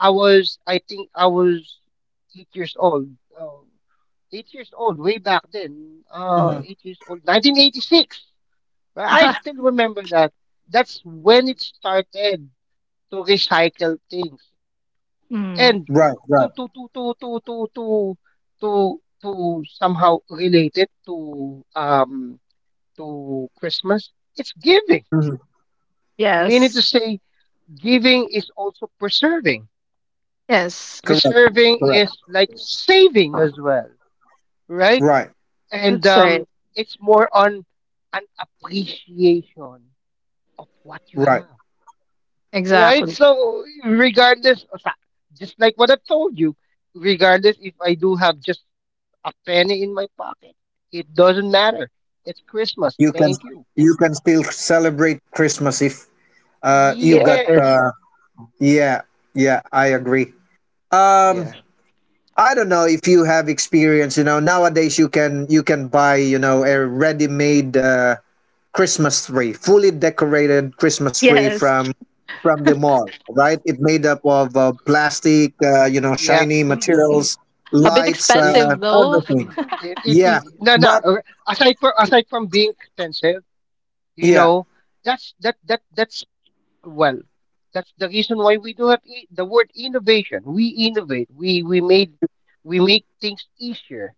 C: I, I was I think I was eight years old. Uh, eight years old way back then. Uh,
A: Mm-hmm.
C: eight years old, nineteen eighty-six. But I
D: <laughs>
C: still remember that that's when it started to recycle things
D: Mm.
C: and
A: Right.
C: to
A: Right.
C: to to to to to to to to somehow relate it to, um to Christmas. It's giving.
A: Mm-hmm.
C: Meaning
D: Yes.
C: to say, giving is also preserving.
D: Yes,
A: Correct.
C: Preserving
A: Correct.
C: is like saving as well, right?
A: Right.
C: And,
D: that's right.
C: um, it's more on an appreciation of what you
A: Right.
C: have, right?
D: Exactly.
C: So regardless, o sa- just like what I've told you, regardless if I do have just a penny in my pocket, it doesn't matter. It's Christmas.
A: You can,
C: Thank you.
A: you can still celebrate Christmas if uh you got
C: Yes.
A: uh yeah, yeah, I
C: Mm.
A: agree. Um,
C: Yeah.
A: I don't know if you have experience. You know, nowadays you can, you can buy, you know, a ready made uh, Christmas tree, fully decorated Christmas tree
D: Yes.
A: from from the mall, right? It made up of uh, plastic, uh, you know,
C: Yeah.
A: shiny
C: <clears throat>
A: materials,
D: A bit
A: lights, uh,
C: It,
D: expensive though.
C: <clears throat>
A: everything.
D: <laughs>
C: it, it,
A: Yeah,
C: it, no, No.
A: but
C: Uh, <clears throat> aside from, aside from being expensive, you
A: yeah,
C: know, that's that that that's, well, that's the reason why we do have e- the word innovation. We innovate. We we made we make things easier.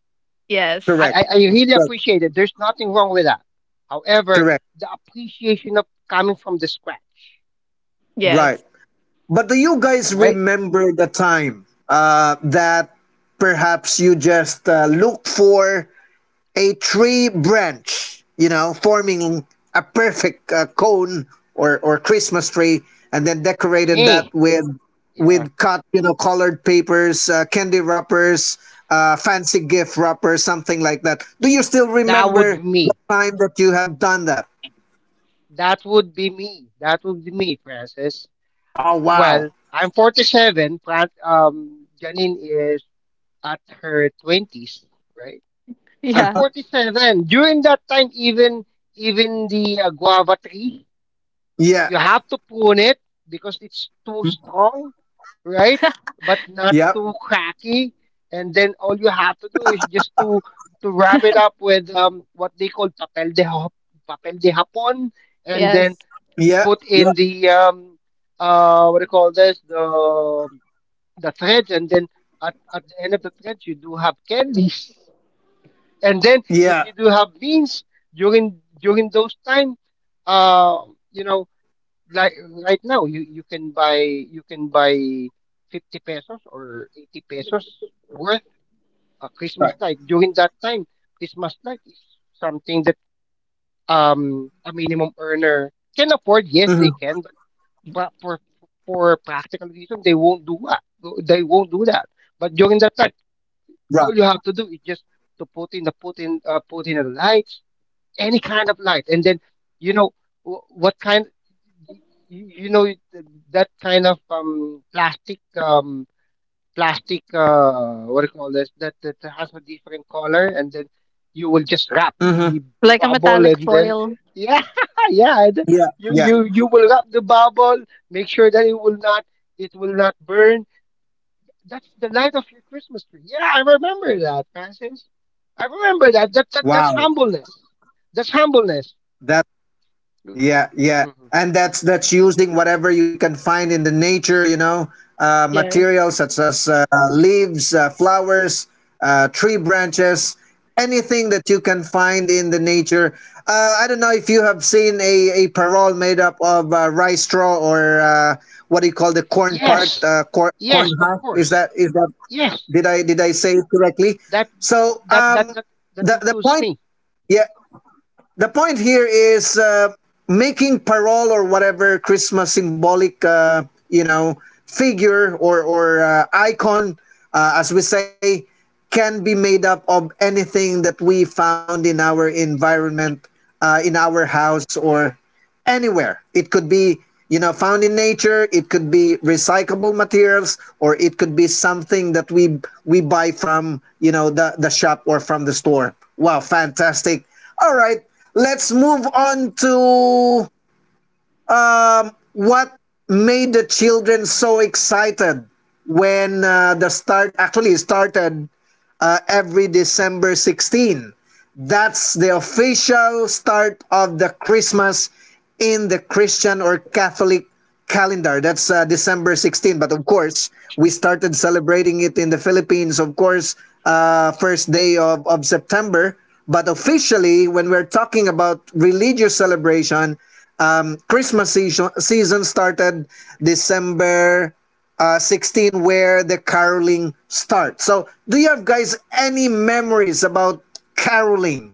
C: I
A: correct,
C: I, I really
A: correct,
C: appreciate it. There's nothing wrong with that. However,
A: correct,
C: the appreciation of coming from the scratch,
A: right. But do you guys
C: right?
A: remember the time uh, that perhaps you just uh, look for a tree branch, you know, forming a perfect uh, cone, or or Christmas tree, and then decorated that
C: Me,
A: with
C: yeah,
A: with cut, you know, colored papers, uh, candy wrappers, uh, fancy gift wrappers, something like that. Do you still
C: that would be
A: remember the
C: me.
A: time that you have done that?
C: That would be me. That would be me, Francis.
A: Oh wow!
C: Well, I'm forty-seven. Fran- Um, Janine is at her twenties, right?
A: Uh,
C: I'm
D: Yeah.
C: forty-seven. During that time, even even the, uh, guava tree. You
A: yeah.
C: have to prune it because it's too
A: Mm.
C: strong, right?
A: Yep.
C: But not too cracky. And then all you have to do is just to to wrap it up with, um, what they call papel de hap- papel de hapon, and
D: Yes.
C: then
A: Yeah. Yeah.
C: put in the, um, uh, what do you call this, the the threads, and then at, at the end of the threads you do have candies. <laughs> And then
A: Yeah.
C: if you do have beans during during those time, uh, you know, like right now you you can buy you can buy fifty pesos or eighty pesos worth a
A: Right.
C: Christmas light. During that time, Christmas light is something that, um, a minimum earner can afford. Yes, they
A: Mm-hmm.
C: can, but pra- for for practical reason they won't do that. they won't do that but during that time,
A: Right.
C: all you have to do is just to put in the put in uh, put in the lights, any kind of light, and then, you know, wh- what kind y- y- you know it- that kind of, um, plastic, um plastic uh what do you call this, that that has a different color, and then you will just wrap
A: Mm-hmm.
C: the
D: Like a
C: bubble,
D: metallic
C: and then,
D: foil.
C: yeah, <laughs> yeah, and then
A: Yeah.
C: you
A: Yeah.
C: you you will wrap the bubble, make sure that it will not, it will not burn. That's the light of your Christmas tree. Yeah, I remember that, Francis. I remember that that, that that's
A: Wow.
C: humbleness. That's humbleness.
A: That, yeah, yeah.
C: Mhm.
A: And that's that's using whatever you can find in the nature, you know, uh,
D: Yes.
A: materials such as uh, leaves, uh, flowers, uh, tree branches, anything that you can find in the nature. Uh, I don't know if you have seen a, a parole made up of uh, rice straw or uh, what do you call the corn part,
C: Yes,
A: uh, corn, corn
C: yes, of
A: husk. Is
C: course.
A: that is that
C: Yes,
A: did I did I say it correctly?
C: that
A: So
C: that that
A: um,
C: that that
A: the the
C: includes
A: point,
C: me.
A: yeah, the point here is uh, making parol or whatever Christmas symbolic, uh, you know, figure or or uh, icon, uh, as we say, can be made up of anything that we found in our environment, uh, in our house, or anywhere. It could be, you know, found in nature, it could be recyclable materials, or it could be something that we we buy from, you know, the, the shop or from the store. Wow, fantastic. All right, let's move on to what made the children so excited when uh, the start actually started uh, every December sixteenth. That's the official start of the Christmas in the Christian or Catholic calendar. That's uh, December sixteen. But of course, we started celebrating it in the Philippines, of course, uh, first day of, of September. But officially, when we're talking about religious celebration, um, Christmas season, season started December uh, sixteen, where the caroling starts. So, do you have guys any memories about caroling?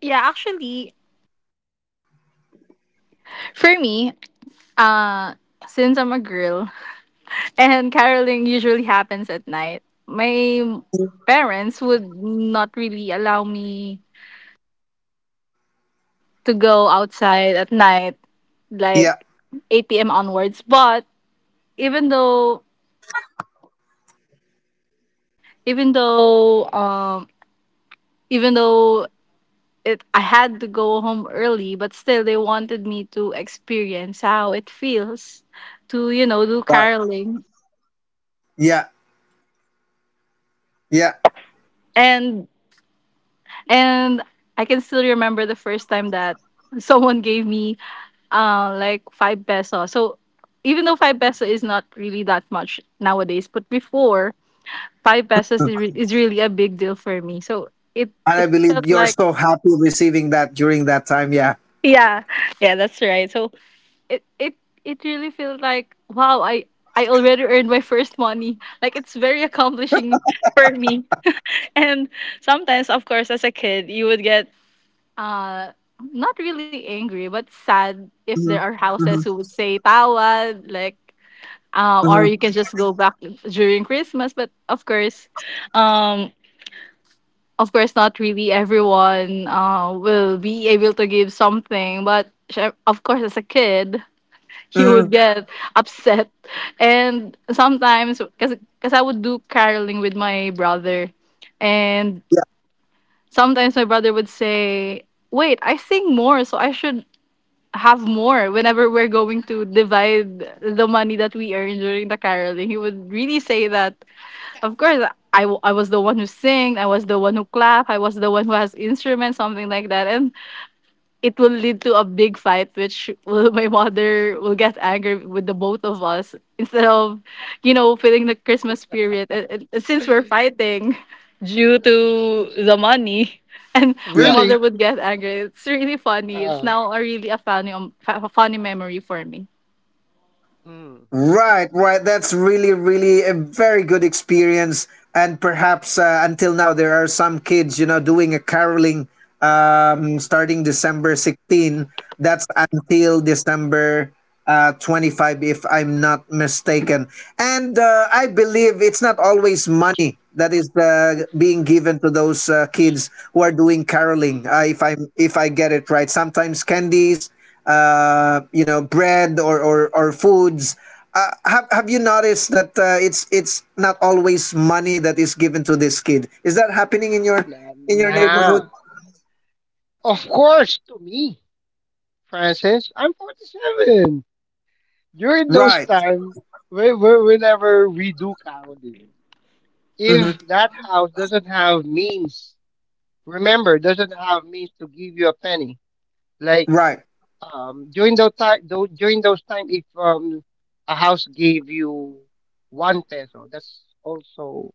D: Yeah, actually, for me, uh, since I'm a girl. And caroling usually happens at night, my parents would not really allow me to go outside at night, like
A: Yeah,
D: eight p m onwards. But even though, even though, um, even though it, I had to go home early, but still they wanted me to experience how it feels to, you know, do
A: right.
D: caroling.
A: Yeah, yeah.
D: And and I can still remember the first time that <laughs> someone gave me, uh, like, five peso. So even though five peso is not really that much nowadays, but before, five pesos is, re- is really a big deal for me. So it
A: And I
D: it
A: believe
D: felt
A: you're
D: like
A: so happy receiving that during that time. Yeah.
D: yeah, yeah, that's right. So it it it really felt like, wow, I I already earned my first money. Like it's very accomplishing for me. And sometimes, of course, as a kid, you would get uh not really angry but sad if there are
A: Mhm,
D: houses
A: mhm,
D: who would say tawad, like, um, or
A: mhm,
D: you can just go back during Christmas. But of course, um, of course, not really everyone uh, will be able to give something. But syem- of course, as a kid, <laughs> you would
A: mhm.
D: get upset. And sometimes, because because I would do caroling with my brother, and sometimes my brother would say, "Wait, I sing more, so I should have more whenever we're going to divide the money that we earn during the caroling." He would really say that. Of course, I, w- I was the one who sing, I was the one who clap, I was the one who has instruments, something like that. And it will lead to a big fight, which will, <laughs> my mother will get angry with the both of us instead of, you know, feeling the Christmas spirit. And- and since we're fighting <laughs> due to the money, <laughs> and
A: Yeah,
D: my
A: yeah.
D: mother
C: Really?
D: would get angry. It's really funny. It's
C: Uh,
D: now a really a funny, um, fa- funny memory for me.
C: mm,
A: Right, right. That's really, really a very good experience. And perhaps uh, until now, there are some kids, you know, doing a caroling, um, starting December sixteenth. That's until December uh, twenty-five, if I'm not mistaken. And uh, I believe it's not always money that is uh, being given to those uh, kids who are doing caroling. Uh, if I if I get it right, sometimes candies, uh, you know, bread or or, or foods. Uh, have Have you noticed that uh, it's it's not always money that is given to this kid? Is that happening in your
C: nah,
A: in your
C: nah.
A: neighborhood?
C: Of course, to me, Francis. I'm forty-seven. During those
A: Right.
C: time, when, when- whenever we do counting, if
A: Mm-hmm.
C: that house doesn't have means, remember, doesn't have means to give you a penny. Like,
A: Right.
C: um, during those time, though, during those time, if, um, a house gave you one peso, that's also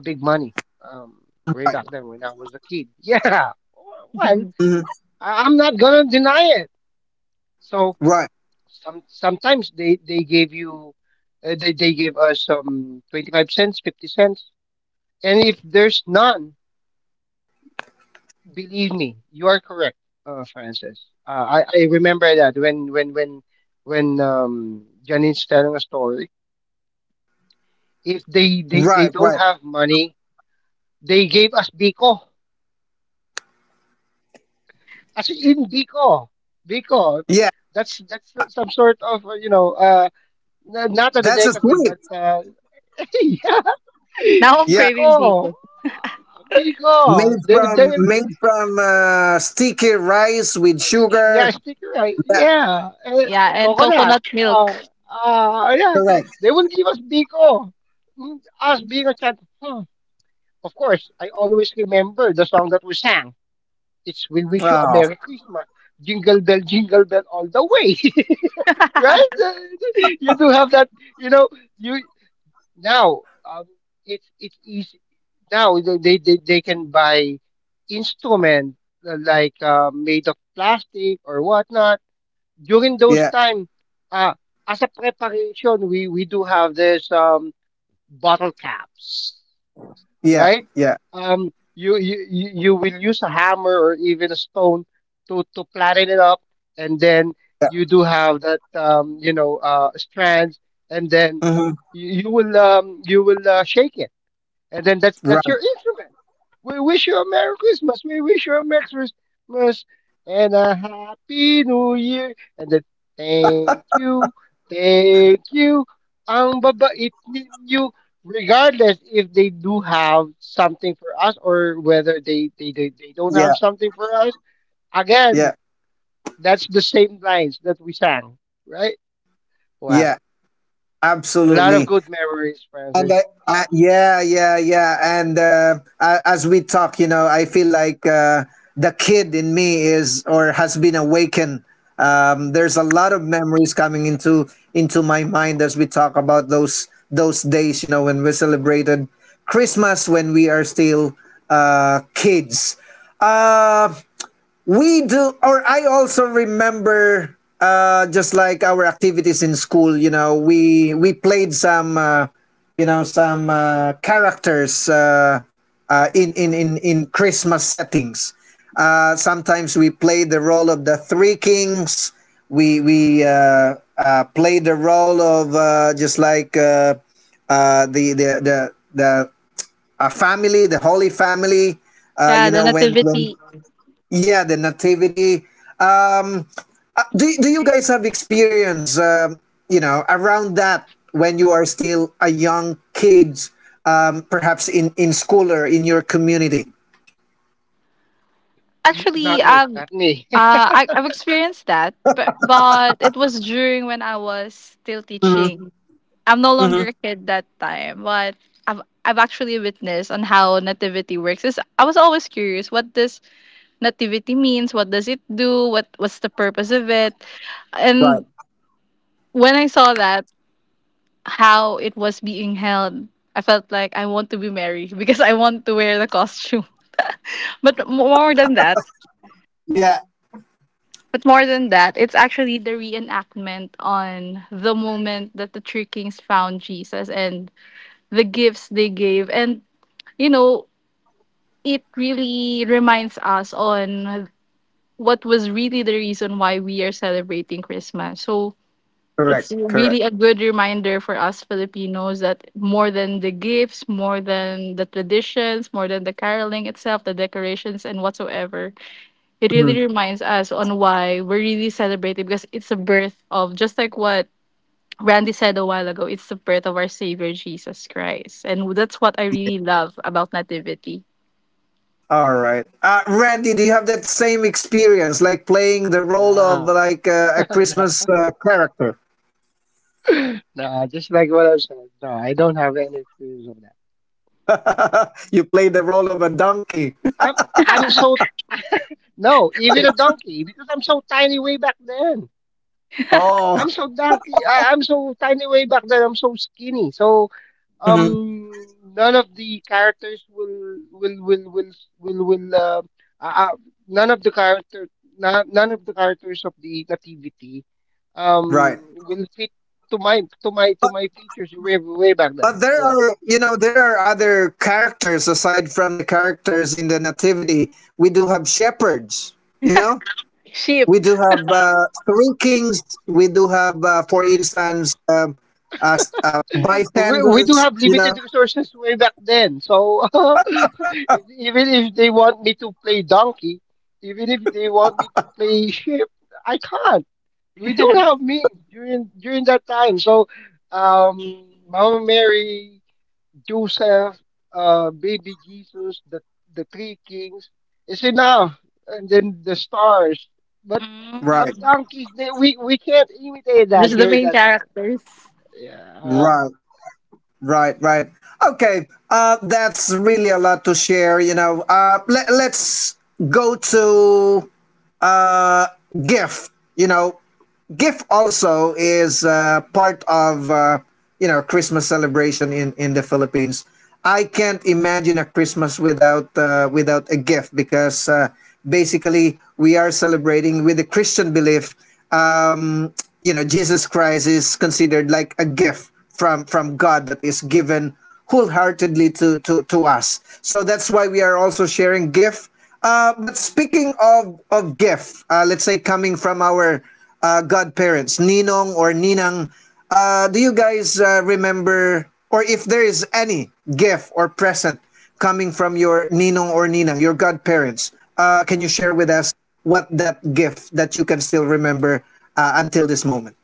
C: a big money. Um, way
A: Right.
C: back then when I was a kid. <laughs> Yeah.
D: <laughs>
C: Well,
D: Now
A: Mm-hmm.
C: I- I'm not gonna deny it. So
A: Right.
C: some sometimes they they gave you, uh, they they gave us, um, twenty-five cents, fifty cents, and if there's none. Believe me, you are correct, uh, Francis. Uh, I, I remember that when when when when, um, Janine's telling a story, if they, they
A: Right.
C: they
A: Right.
C: don't have money, they gave us Biko. As in Biko, Biko.
A: Yeah.
C: That's that's some sort of, uh, you know, uh, n- not a
A: That's a
C: delicacy,
A: sweet.
C: but, uh, <laughs> yeah,
D: I'm
A: Yeah.
D: craving
C: Biko,
D: bacon.
A: Made
C: Biko. They would
A: from
C: they will.
A: made from uh, sticky rice with
C: yeah,
A: sugar.
C: sticker. uh,
A: Yeah.
C: Yeah, uh,
D: Yeah, and
C: coconut.
D: coconut milk.
C: Uh, uh, yeah,
A: Correct.
C: they will give us Biko. Mm, Us being a child. Hmm. Of course, I always remember the song that we sang. It's "We Wish You a
A: Wow.
C: Merry Christmas." Jingle bell, jingle bell, all the way. <laughs> Right?
D: <laughs>
C: <laughs> You do have that. You know, you now. Um, it's it's easy now. They they they, they can buy instrument uh, like uh, made of plastic or whatnot during those
A: Yeah.
C: time. uh, as a preparation, we, we do have this um, bottle caps,
A: Yeah.
C: right?
A: Yeah.
C: Um, you, you you you will use a hammer or even a stone to to flatten it up, and then
A: Yeah.
C: you do have that um, you know uh, strands, and then
A: Mm-hmm.
C: you, you will um, you will uh, shake it, and then that's that's your
A: Right.
C: instrument. We wish you a Merry Christmas. We wish you a Merry Christmas and a Happy New Year. And then thank you, thank you. Ang babait ninyo. Regardless if they do have something for us or whether they, they, they, they don't have
A: Yeah.
C: something for us, again,
A: Yeah.
C: that's the same lines that we sang, right? Well,
A: Yeah.
C: a lot of
A: Absolutely.
C: good memories,
A: And I,
C: Francis.
A: I, yeah, yeah, yeah. And uh, a- as we talk, you know, I feel like uh, the kid in me is or has been awakened. Um, there's a lot of memories coming into into my mind as we talk about those those days. You know, when we celebrated Christmas when we are still uh, kids. Uh, we do, or I also remember uh just like our activities in school. You know, we we played some uh, you know, some uh, characters uh, uh in, in in in Christmas settings, uh sometimes we played the role of the three kings. We we uh, uh played the role of uh just like uh uh the the the, the a family, the holy family, uh you
D: Yeah, the
A: know, when when
D: nativity.
A: yeah, the nativity. Do, do you guys have experience, um, you know, around that when you are still a young kid, um, perhaps in in school or in your community?
C: N-
D: Actually,
C: not me,
D: um,
C: not me.
D: uh, I, I've experienced that, but, but it was during when I was still
A: Mm-hmm.
D: teaching. I'm no
A: Mm-hmm.
D: longer a kid that time, but I've I've actually witnessed on how nativity works. Is I was always curious what this nativity means, what does it do, what what's the purpose of it.
A: Right.
D: And when I saw that how it was being held, I felt like I want to be Mary <laughs> because I want to wear the costume. <laughs> But more than that.
A: Yeah.
D: But more than that, it's actually the reenactment on the moment that the three kings found Jesus and the gifts they gave. And, you know, it really reminds us on what was really the reason why we are celebrating Christmas. So
A: correct
D: it's really
A: correct
D: a good reminder for us Filipinos that more than the gifts, more than the traditions, more than the caroling itself, the decorations, and whatsoever, it really
A: Mhm.
D: reminds us on why we're really celebrating, because it's the birth of, just like what Randy said a while ago, it's the birth of our Savior Jesus Christ. And that's what I really love about Nativity.
A: All right, uh, Randy, do you have that same experience, like playing the
C: <laughs>
A: role of
C: Nah.
A: like uh, a
C: <laughs> Nah.
A: Christmas uh, character?
C: <laughs> Nah, just like what I said. No, I don't have any experience of that.
A: <laughs> You play the role of a donkey?
C: I'm I'm so <laughs> no, even a donkey because I'm so tiny way back then. I'm
A: Oh.
C: so donkey. I, I'm so tiny way back then. I'm so skinny. So
A: Mm-hmm.
C: um, none of the characters will will will will will will uh, uh, uh, none of the character none, none of the characters of the nativity um
A: Right.
C: will fit to my to my to my features way way back then.
A: But there
C: Yeah.
A: are, you know, there are other characters aside from the characters in the Nativity. We do have shepherds, you know.
D: Sheep.
A: We do have uh, three kings. We do have, uh, for instance, um, uh, uh,
C: we, we do
A: bystanders,
C: have
A: you know.
C: limited resources way back then. So <laughs> if- even if they want me to play donkey, even if they want me to play ship, I can't. We don't have means during during that time. So um, Mama Mary, Joseph, uh, baby Jesus, the the three kings is enough, and then the stars. But but
A: Right,
C: donkeys, they, we we can't imitate that
D: Just the
C: during
D: main
C: that time.
D: characters.
C: Yeah.
A: right, right, right. Okay, uh, that's really a lot to share, you know. Uh, let, let's go to uh, gift, you know. GIF also is uh, part of uh, you know, Christmas celebration in in the Philippines. I can't imagine a Christmas without uh, without a gift because uh, basically we are celebrating with the Christian belief. Um, you know, Jesus Christ is considered like a gift from from God, that is given wholeheartedly to to to us. So that's why we are also sharing gift. Uh, but speaking of of gift, uh, let's say coming from our uh, godparents, ninong or ninang, uh, do you guys uh, remember or if there is any gift or present coming from your ninong or ninang, your godparents, uh, can you share with us what that gift that you can still remember uh, until this moment?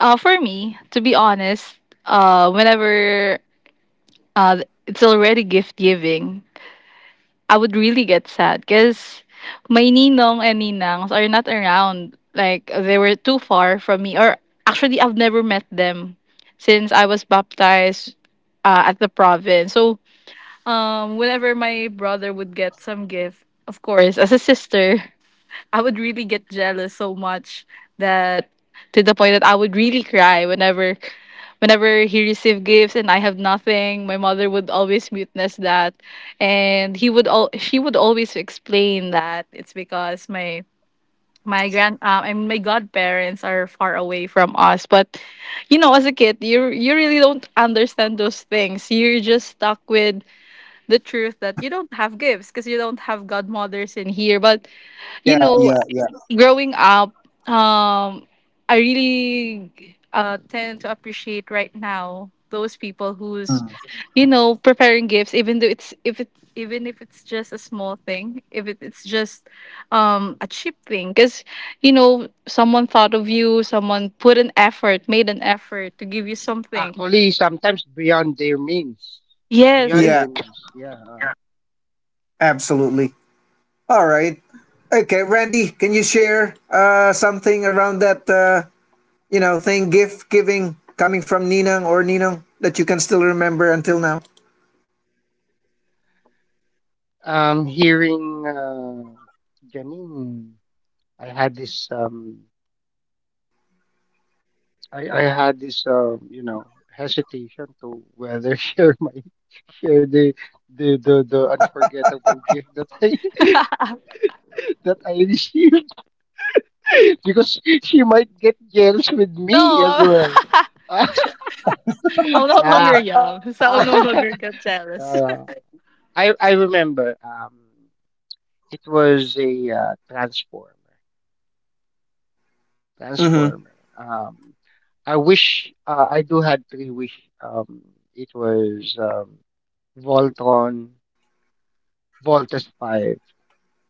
D: Uh, for me, to be honest, uh, whenever uh, it's already gift giving, I would really get sad because my ninong and ninangs are not around. Like they were too far from me, or actually, I've never met them since I was baptized uh, at the province. So, um, whenever my brother would get some gift, of course, as a sister, I would really get jealous so much that, to the point that I would really cry whenever whenever he received gifts and I have nothing. My mother would always witness that, and he would all she would always explain that it's because my my grand uh, I mean, my godparents are far away from us. But you know, as a kid, you you really don't understand those things. You're just stuck with the truth that you don't have gifts because you don't have godmothers in here. But you
A: Yeah,
D: know,
A: yeah, yeah.
D: growing up, um, I really uh, tend to appreciate right now those people who's,
A: Mm.
D: you know, preparing gifts, even though it's if it even if it's just a small thing, if it, it's just um, a cheap thing, because you know someone thought of you, someone put an effort, made an effort to give you something.
C: Actually, sometimes beyond their means.
D: Yes,
C: Beyond
D: it,
A: Yeah,
C: their means, yeah.
A: absolutely. All right. Okay, Randy, can you share uh, something around that, uh, you know, thing, gift giving coming from Ninang or Ninong that you can still remember until now?
C: Uh, um, hearing uh, Janine, I had this um, I, I had this um, you know, hesitation to whether <laughs> share my share the the the, the unforgettable gift that I
D: <laughs>
C: <laughs>
D: no,
C: that I received <laughs> because she might get jealous with me as well.
D: <laughs>
C: <laughs>
D: I'm no longer
C: Nah.
D: young, so I'm no longer get
C: <laughs>
D: jealous. <laughs>
C: Nah. I I remember. Um. It was a uh, transformer.
A: Mm-hmm.
C: Transformer. Um, I wish uh, I do had three wish. Um, it was um, Voltron, Voltus Five,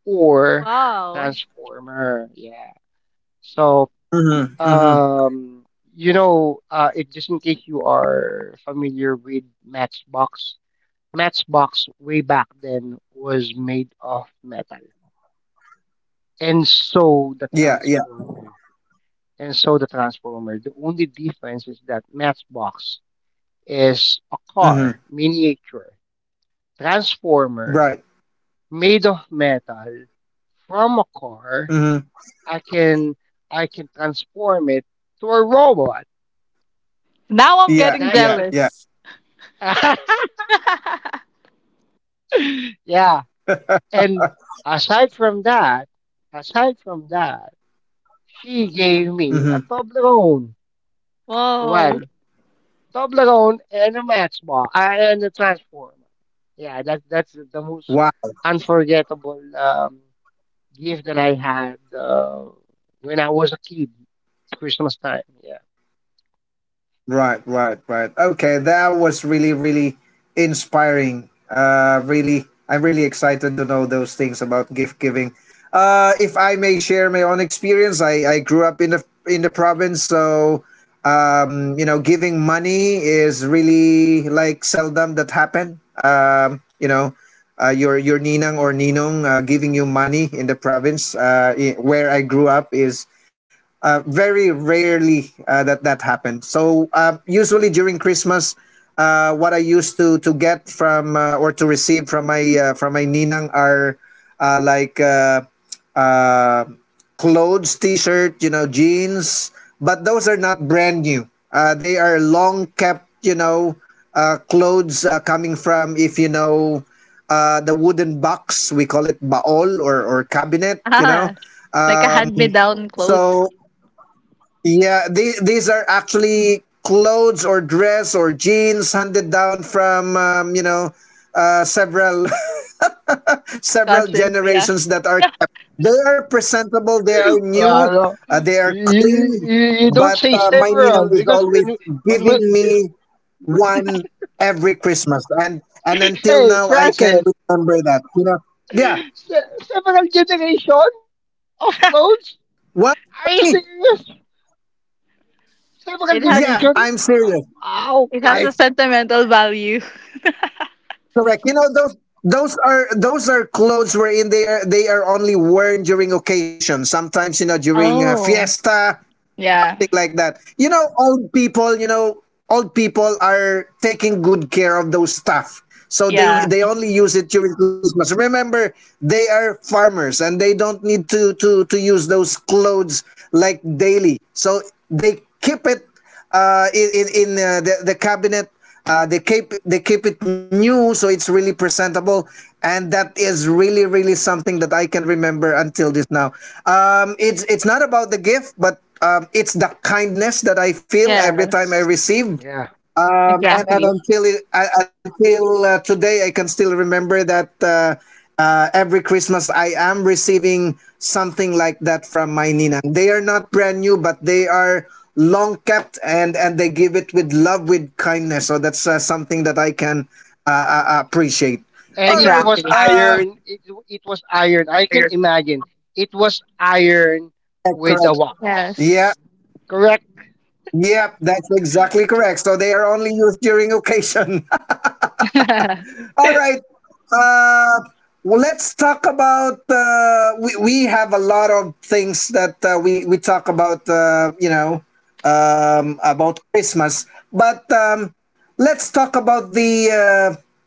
C: or
D: Wow,
C: Transformer. Yeah. So
A: Mm-hmm. Mm-hmm.
C: um, you know, uh, it just in case you are familiar with Matchbox. Matchbox way back then was made of metal, and so
A: Yeah.
C: the
A: Yeah.
C: Transformer. And so the Transformer. The only difference is that Matchbox is a
A: Mm-hmm.
C: car, miniature. Transformer
A: Right.
C: made of metal from a car.
A: Mm-hmm.
C: I can I can transform it to a robot.
D: now I'm
A: Yeah.
D: getting
C: That's
A: Yeah.
C: the
A: Yeah.
D: jealous. <laughs>
C: <laughs> yeah. And aside from that, aside from that, she gave me a
A: Mm-hmm.
C: Toblerone.
D: Wow.
C: Well, Toblerone and a match ball uh, and a transformer. Yeah, that that's the most
A: Wow.
C: unforgettable um, gift that I had uh, when I was a kid. Christmas time. Yeah.
A: Right, right, right. Okay, that was really, really inspiring. Uh, really, I'm really excited to know those things about gift giving. Uh, if I may share my own experience, I, I grew up in the in the province, so um, you know, giving money is really like seldom that happen. Um, you know, uh, your your ninang or ninong uh, giving you money in the province uh, i- where I grew up is uh, very rarely uh, that that happens. So uh, usually during Christmas, uh, what I used to to get from uh, or to receive from my uh, from my ninang are uh, like uh, uh, clothes, t-shirt, you know, jeans. But those are not brand new. Uh, they are long kept, you know, uh, clothes uh, coming from, if you know, uh, the wooden box. We call it baol or or cabinet. You know.
D: Ah, like a
A: Um,
D: hand-me-down clothes.
A: so yeah, the, these are actually clothes or dress or jeans handed down from, um, you know, uh, several <laughs> several
D: Cousins, yeah.
A: generations that are kept. They are presentable. They are
C: Uh,
A: new.
C: no,
A: Uh, they are
C: you,
A: clean.
C: you, you you don't
A: But
C: say
A: uh, my ninang
C: several
A: is
C: because
A: always
C: when you- when
A: giving
C: we
A: me one every Christmas, and and
C: <laughs>
A: until
C: hey
A: now I can
C: Francis,
A: remember that. You know, yeah.
C: se- several generation of clothes.
A: What?
C: Are you serious? Several
D: It has
C: generation.
A: Yeah, I'm serious.
C: Ah,
D: it has a
C: okay.
D: sentimental value.
A: Correct. You know, those those are, those are clothes wherein they are, they are only worn during occasion. Sometimes, you know, during a
D: Oh.
A: fiesta,
D: Yeah.
A: thing like that. You know, old people. You know, old people are taking good care of those stuff. So
D: Yeah.
A: they they only use it during Christmas. Remember, they are farmers and they don't need to to to use those clothes like daily. So they keep it uh, in in, in uh, the, the cabinet, uh, they keep, they keep it new, so it's really presentable, and that is really really something that I can remember until this now. Um, it's it's not about the gift, but um, it's the kindness that I feel every time I
D: Yes.
A: receive
C: Yeah.
A: um,
C: Yeah.
A: and, and
D: Exactly.
A: until it, uh, until uh, today, I can still remember that uh, uh, every Christmas I am receiving something like that from my ninang. They are not brand new, but they are long kept, and and they give it with love, with kindness. So that's uh, something that I can uh, uh, uh, appreciate.
C: And
A: All
C: it was
A: right.
D: Exactly.
A: Uh,
C: iron it, it was iron, I can imagine. It was iron
A: correct,
C: with the
A: correct.
C: wax,
A: Yeah.
D: Yes.
C: correct.
A: Yeah, that's exactly correct. So they are only used during <laughs> occasion.
D: <laughs>
A: All right. Uh, well, let's talk about. Uh, we we have a lot of things that uh, we we talk about. Uh, you know, um, about Christmas, but um, let's talk about the uh,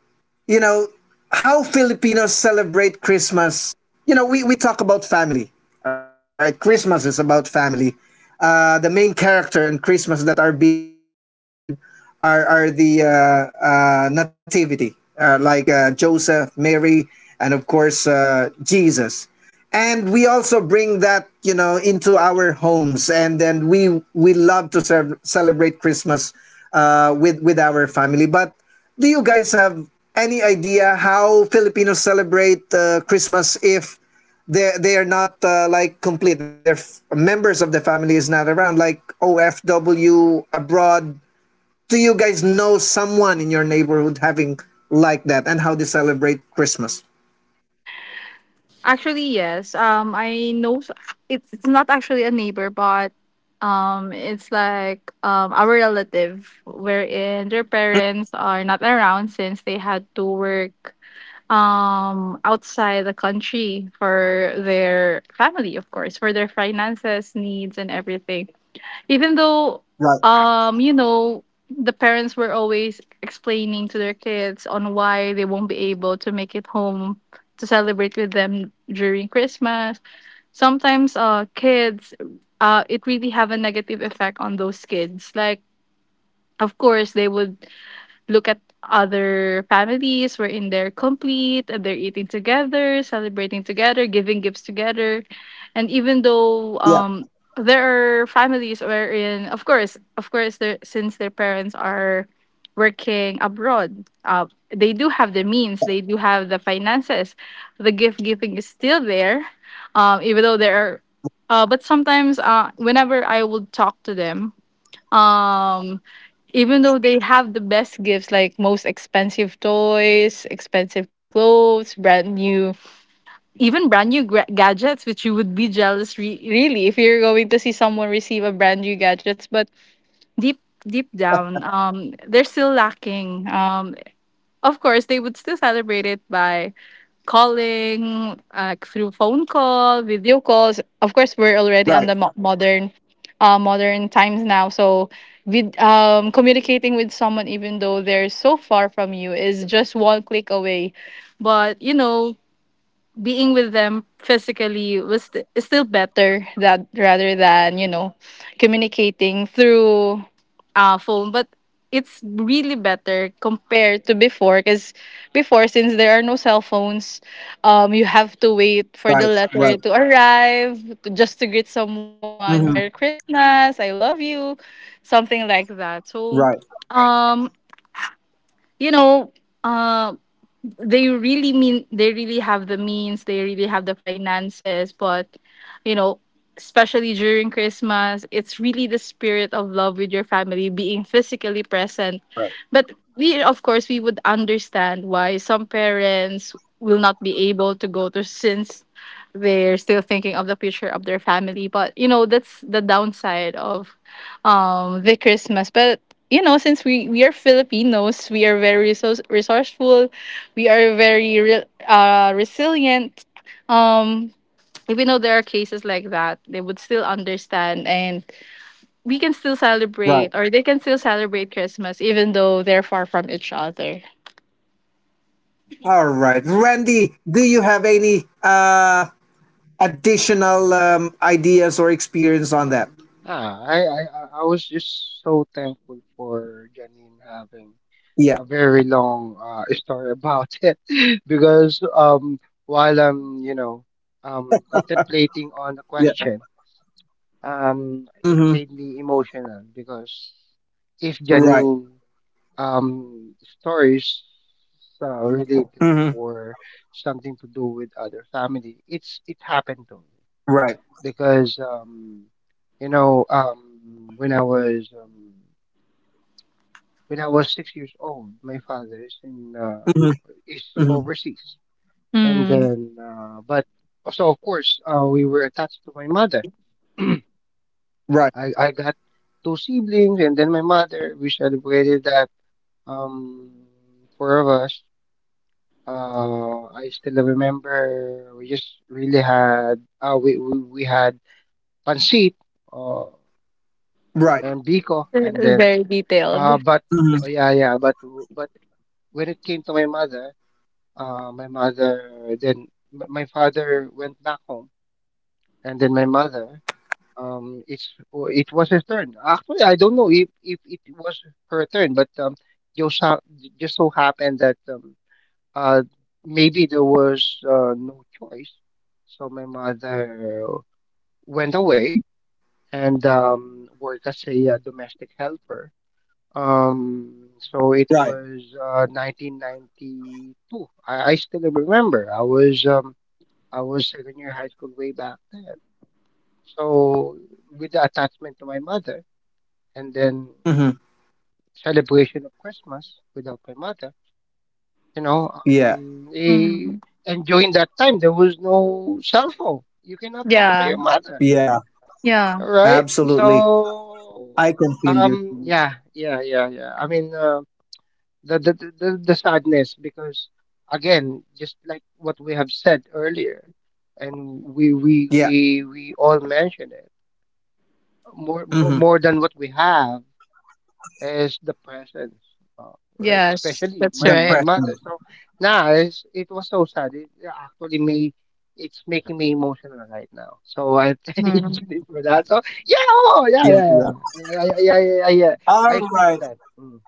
A: you know, how Filipinos celebrate Christmas. You know, we, we talk about family, all right? Christmas is about family. Uh, the main character in Christmas that are being uh, remembered are, are the uh, uh, Nativity, uh, like uh, Joseph, Mary, and of course, uh, Jesus. And we also bring that, you know, into our homes, and then we we love to serve, celebrate Christmas uh, with with our family. But do you guys have any idea how Filipinos celebrate uh, Christmas if they they are not uh, like complete? Their f- members of the family is not around, like O F W abroad. Do you guys know someone in your neighborhood having like that, and how they celebrate Christmas?
D: Actually, yes. Um, I know s- it's it's not actually a neighbor, but um, it's like um our relative, wherein their parents are not around since they had to work um outside the country for their family, of course, for their finances needs and everything. Even though,
A: Right.
D: um you know, the parents were always explaining to their kids on why they won't be able to make it home to celebrate with them during Christmas. Sometimes uh kids uh it really have a negative effect on those kids, like, of course, they would look at other families wherein they're complete, and they're eating together, celebrating together, giving gifts together. And even though,
A: Yeah.
D: um there are families wherein, of course of course there, since their parents are working abroad, uh, they do have the means, they do have the finances. The gift giving is still there. Um even though there are uh, but sometimes, uh whenever I would talk to them, um even though they have the best gifts, like most expensive toys, expensive clothes, brand new, even brand new gra- gadgets, which you would be jealous re- really if you're going to see someone receive a brand new gadgets. But deep, deep down um they're still lacking. Um of course, they would still celebrate it by calling, like through phone call, video calls. Of course, we're already
A: Right.
D: on the mo- modern uh, modern times now. So, with, um, communicating with someone even though they're so far from you is just one click away. But you know, being with them physically was st- is still better that, rather than, you know, communicating through, uh, phone. But it's really better compared to before, because before since there are no cell phones, um you have to wait for the
A: Right. Right.
D: letter to arrive to, just to greet someone,
A: Hmm.
D: "Merry Christmas, I love you," something like that. So
A: Right.
D: um you know uh, they really mean they really have the means, they really have the finances. But you know, especially during Christmas, it's really the spirit of love with your family being physically present.
A: Right.
D: But we, of course, we would understand why some parents will not be able to go to, since they're still thinking of the future of their family. But you know, that's the downside of, um the Christmas. But you know, since we we are Filipinos, we are very resource- resourceful, we are very re- uh, resilient. Um, Even though there are cases like that, they would still understand, and we can still
A: Right.
D: celebrate, or they can still celebrate Christmas, even though they're far from each other.
A: All right, Randy. Do you have any uh, additional um, ideas or experience on that?
C: Ah, I, I i I was just so thankful for Janine having a
A: Yeah.
C: very long uh, <laughs> story about it <laughs> because um while i'm you know um contemplating on the
A: Yeah.
C: question, um it
A: Mm-hmm.
C: made me emotional because if
A: Right.
C: Janine um stories uh, related
A: Mm-hmm.
C: or something to do with other family, it's it happened to me
A: Right.
C: because um you know um when i was um when I was six years old, my father is in uh,
A: Mm-hmm.
C: is
A: Mm-hmm.
C: overseas, and
D: Mm.
C: then uh, but so of course uh, we were attached to my mother. <clears throat>
A: Right.
C: I, I got two siblings, and then my mother, we celebrated that um four of us. Uh, I still remember we just really had uh, we, we we had pancit uh,
A: Right.
C: and biko,
D: <laughs>
C: and
D: It's
C: then
D: very detailed.
C: uh, but
A: Mm-hmm.
C: oh, yeah yeah, but w- but when it came to my mother, uh, my mother, then m- my father went back home, and then my mother, um it's w- it was her turn. Actually, I don't know if if it was her turn, but um just ha- just so happened that um, Uh, maybe there was uh, no choice. So my mother went away and um, worked as a, uh domestic helper. Um, so it
A: Right.
C: was uh, nineteen ninety-two. I, I still remember. I was um, I was second year high school way back then. So with the attachment to my mother, and then
A: Mm-hmm.
C: celebration of Christmas without my mother. you know
A: Yeah.
C: um, they,
D: Mm.
C: and during that time there was no cell phone, you cannot talk to
D: Yeah,
C: your mother.
A: Yeah.
D: yeah,
C: All right,
A: Absolutely.
C: so
A: I can feel you.
C: um yeah yeah yeah yeah, I mean uh, the, the the the the sadness, because again, just like what we have said earlier, and we we
A: Yeah.
C: we we all mention it, more more,
A: Mm-hmm.
C: more than what we have is the presence, uh, right?
D: yes,
C: Especially
D: that's
C: my
A: The
C: my
D: right.
A: pressure.
C: mother. So now it's, it was so sad. It actually made it's making me emotional right now. So I <laughs> thank
D: Mm.
C: you for that. So yeah, oh yeah,
A: Yeah.
C: yeah,
A: Yeah.
C: yeah, yeah, yeah, yeah, yeah, yeah, yeah. I
A: All
C: experienced that.
A: right.
C: Mm.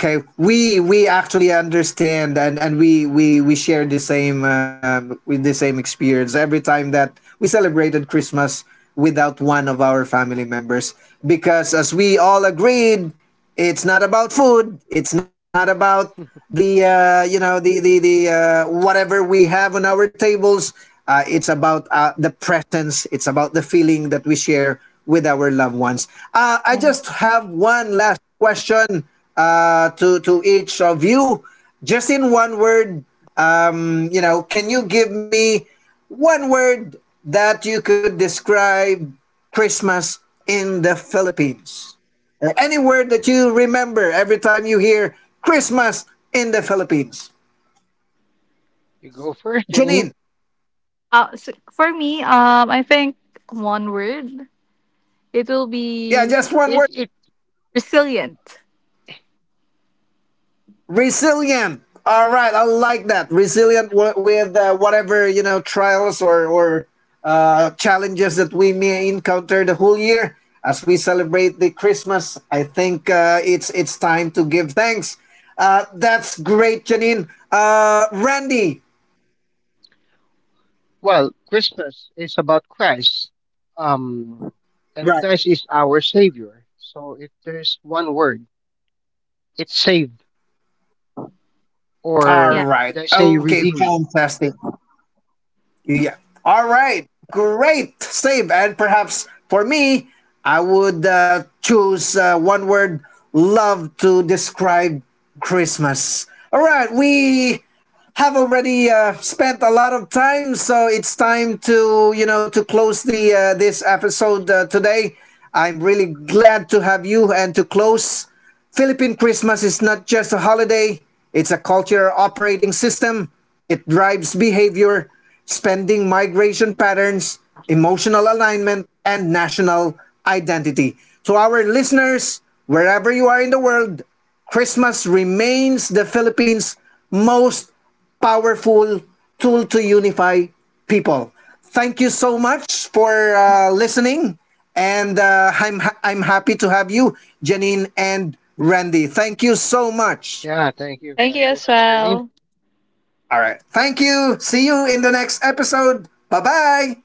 A: Okay, we we actually understand and and we we we share the same uh, with the same experience every time that we celebrated Christmas without one of our family members because as we all agreed, it's not about food, it's not about the uh, you know the the the uh, whatever we have on our tables. Uh, it's about uh, the presence. It's about the feeling that we share with our loved ones. Uh, I
D: Yeah.
A: just have one last question uh, to to each of you, just in one word. Um, you know, can you give me one word that you could describe Christmas in the Philippines? Uh, any word that you remember every time you hear Christmas in the Philippines?
C: You go first, Janine.
A: Janine,
D: Uh, so for me, um, I think one word, it will
A: yeah,
D: be
A: just one
C: It
A: word.
C: it
D: resilient.
A: Resilient. All right, I like that. Resilient w- with uh, whatever you know trials or or uh, challenges that we may encounter the whole year as we celebrate the Christmas. I think uh, it's it's time to give thanks. Uh, that's great, Janine. Uh, Randy.
C: well, Christmas is about Christ, um, and
A: Right.
C: Christ is our Savior. So if there's one word, it's saved,
A: All
D: Yeah.
C: or should
A: right.
C: I say
A: Okay.
C: redeemed?
A: Fantastic. Yeah. All right. Great save. And perhaps for me, I would uh, choose uh, one word, love, to describe Christmas. All right. We have already uh, spent a lot of time, so it's time to you know to close the uh, this episode uh, today. I'm really glad to have you and to close. Philippine Christmas is not just a holiday; it's a cultural operating system. It drives behavior, spending migration patterns, emotional alignment, and national identity. To our listeners, wherever you are in the world, Christmas remains the Philippines' most powerful tool to unify people. Thank you so much for uh, listening, and uh, I'm ha- I'm happy to have you, Janine and Randy. Thank you so much.
C: Yeah, thank you,
D: Thank you as
C: Francis and Janine.
D: well.
A: All right. Thank you. See you in the next episode. Bye bye.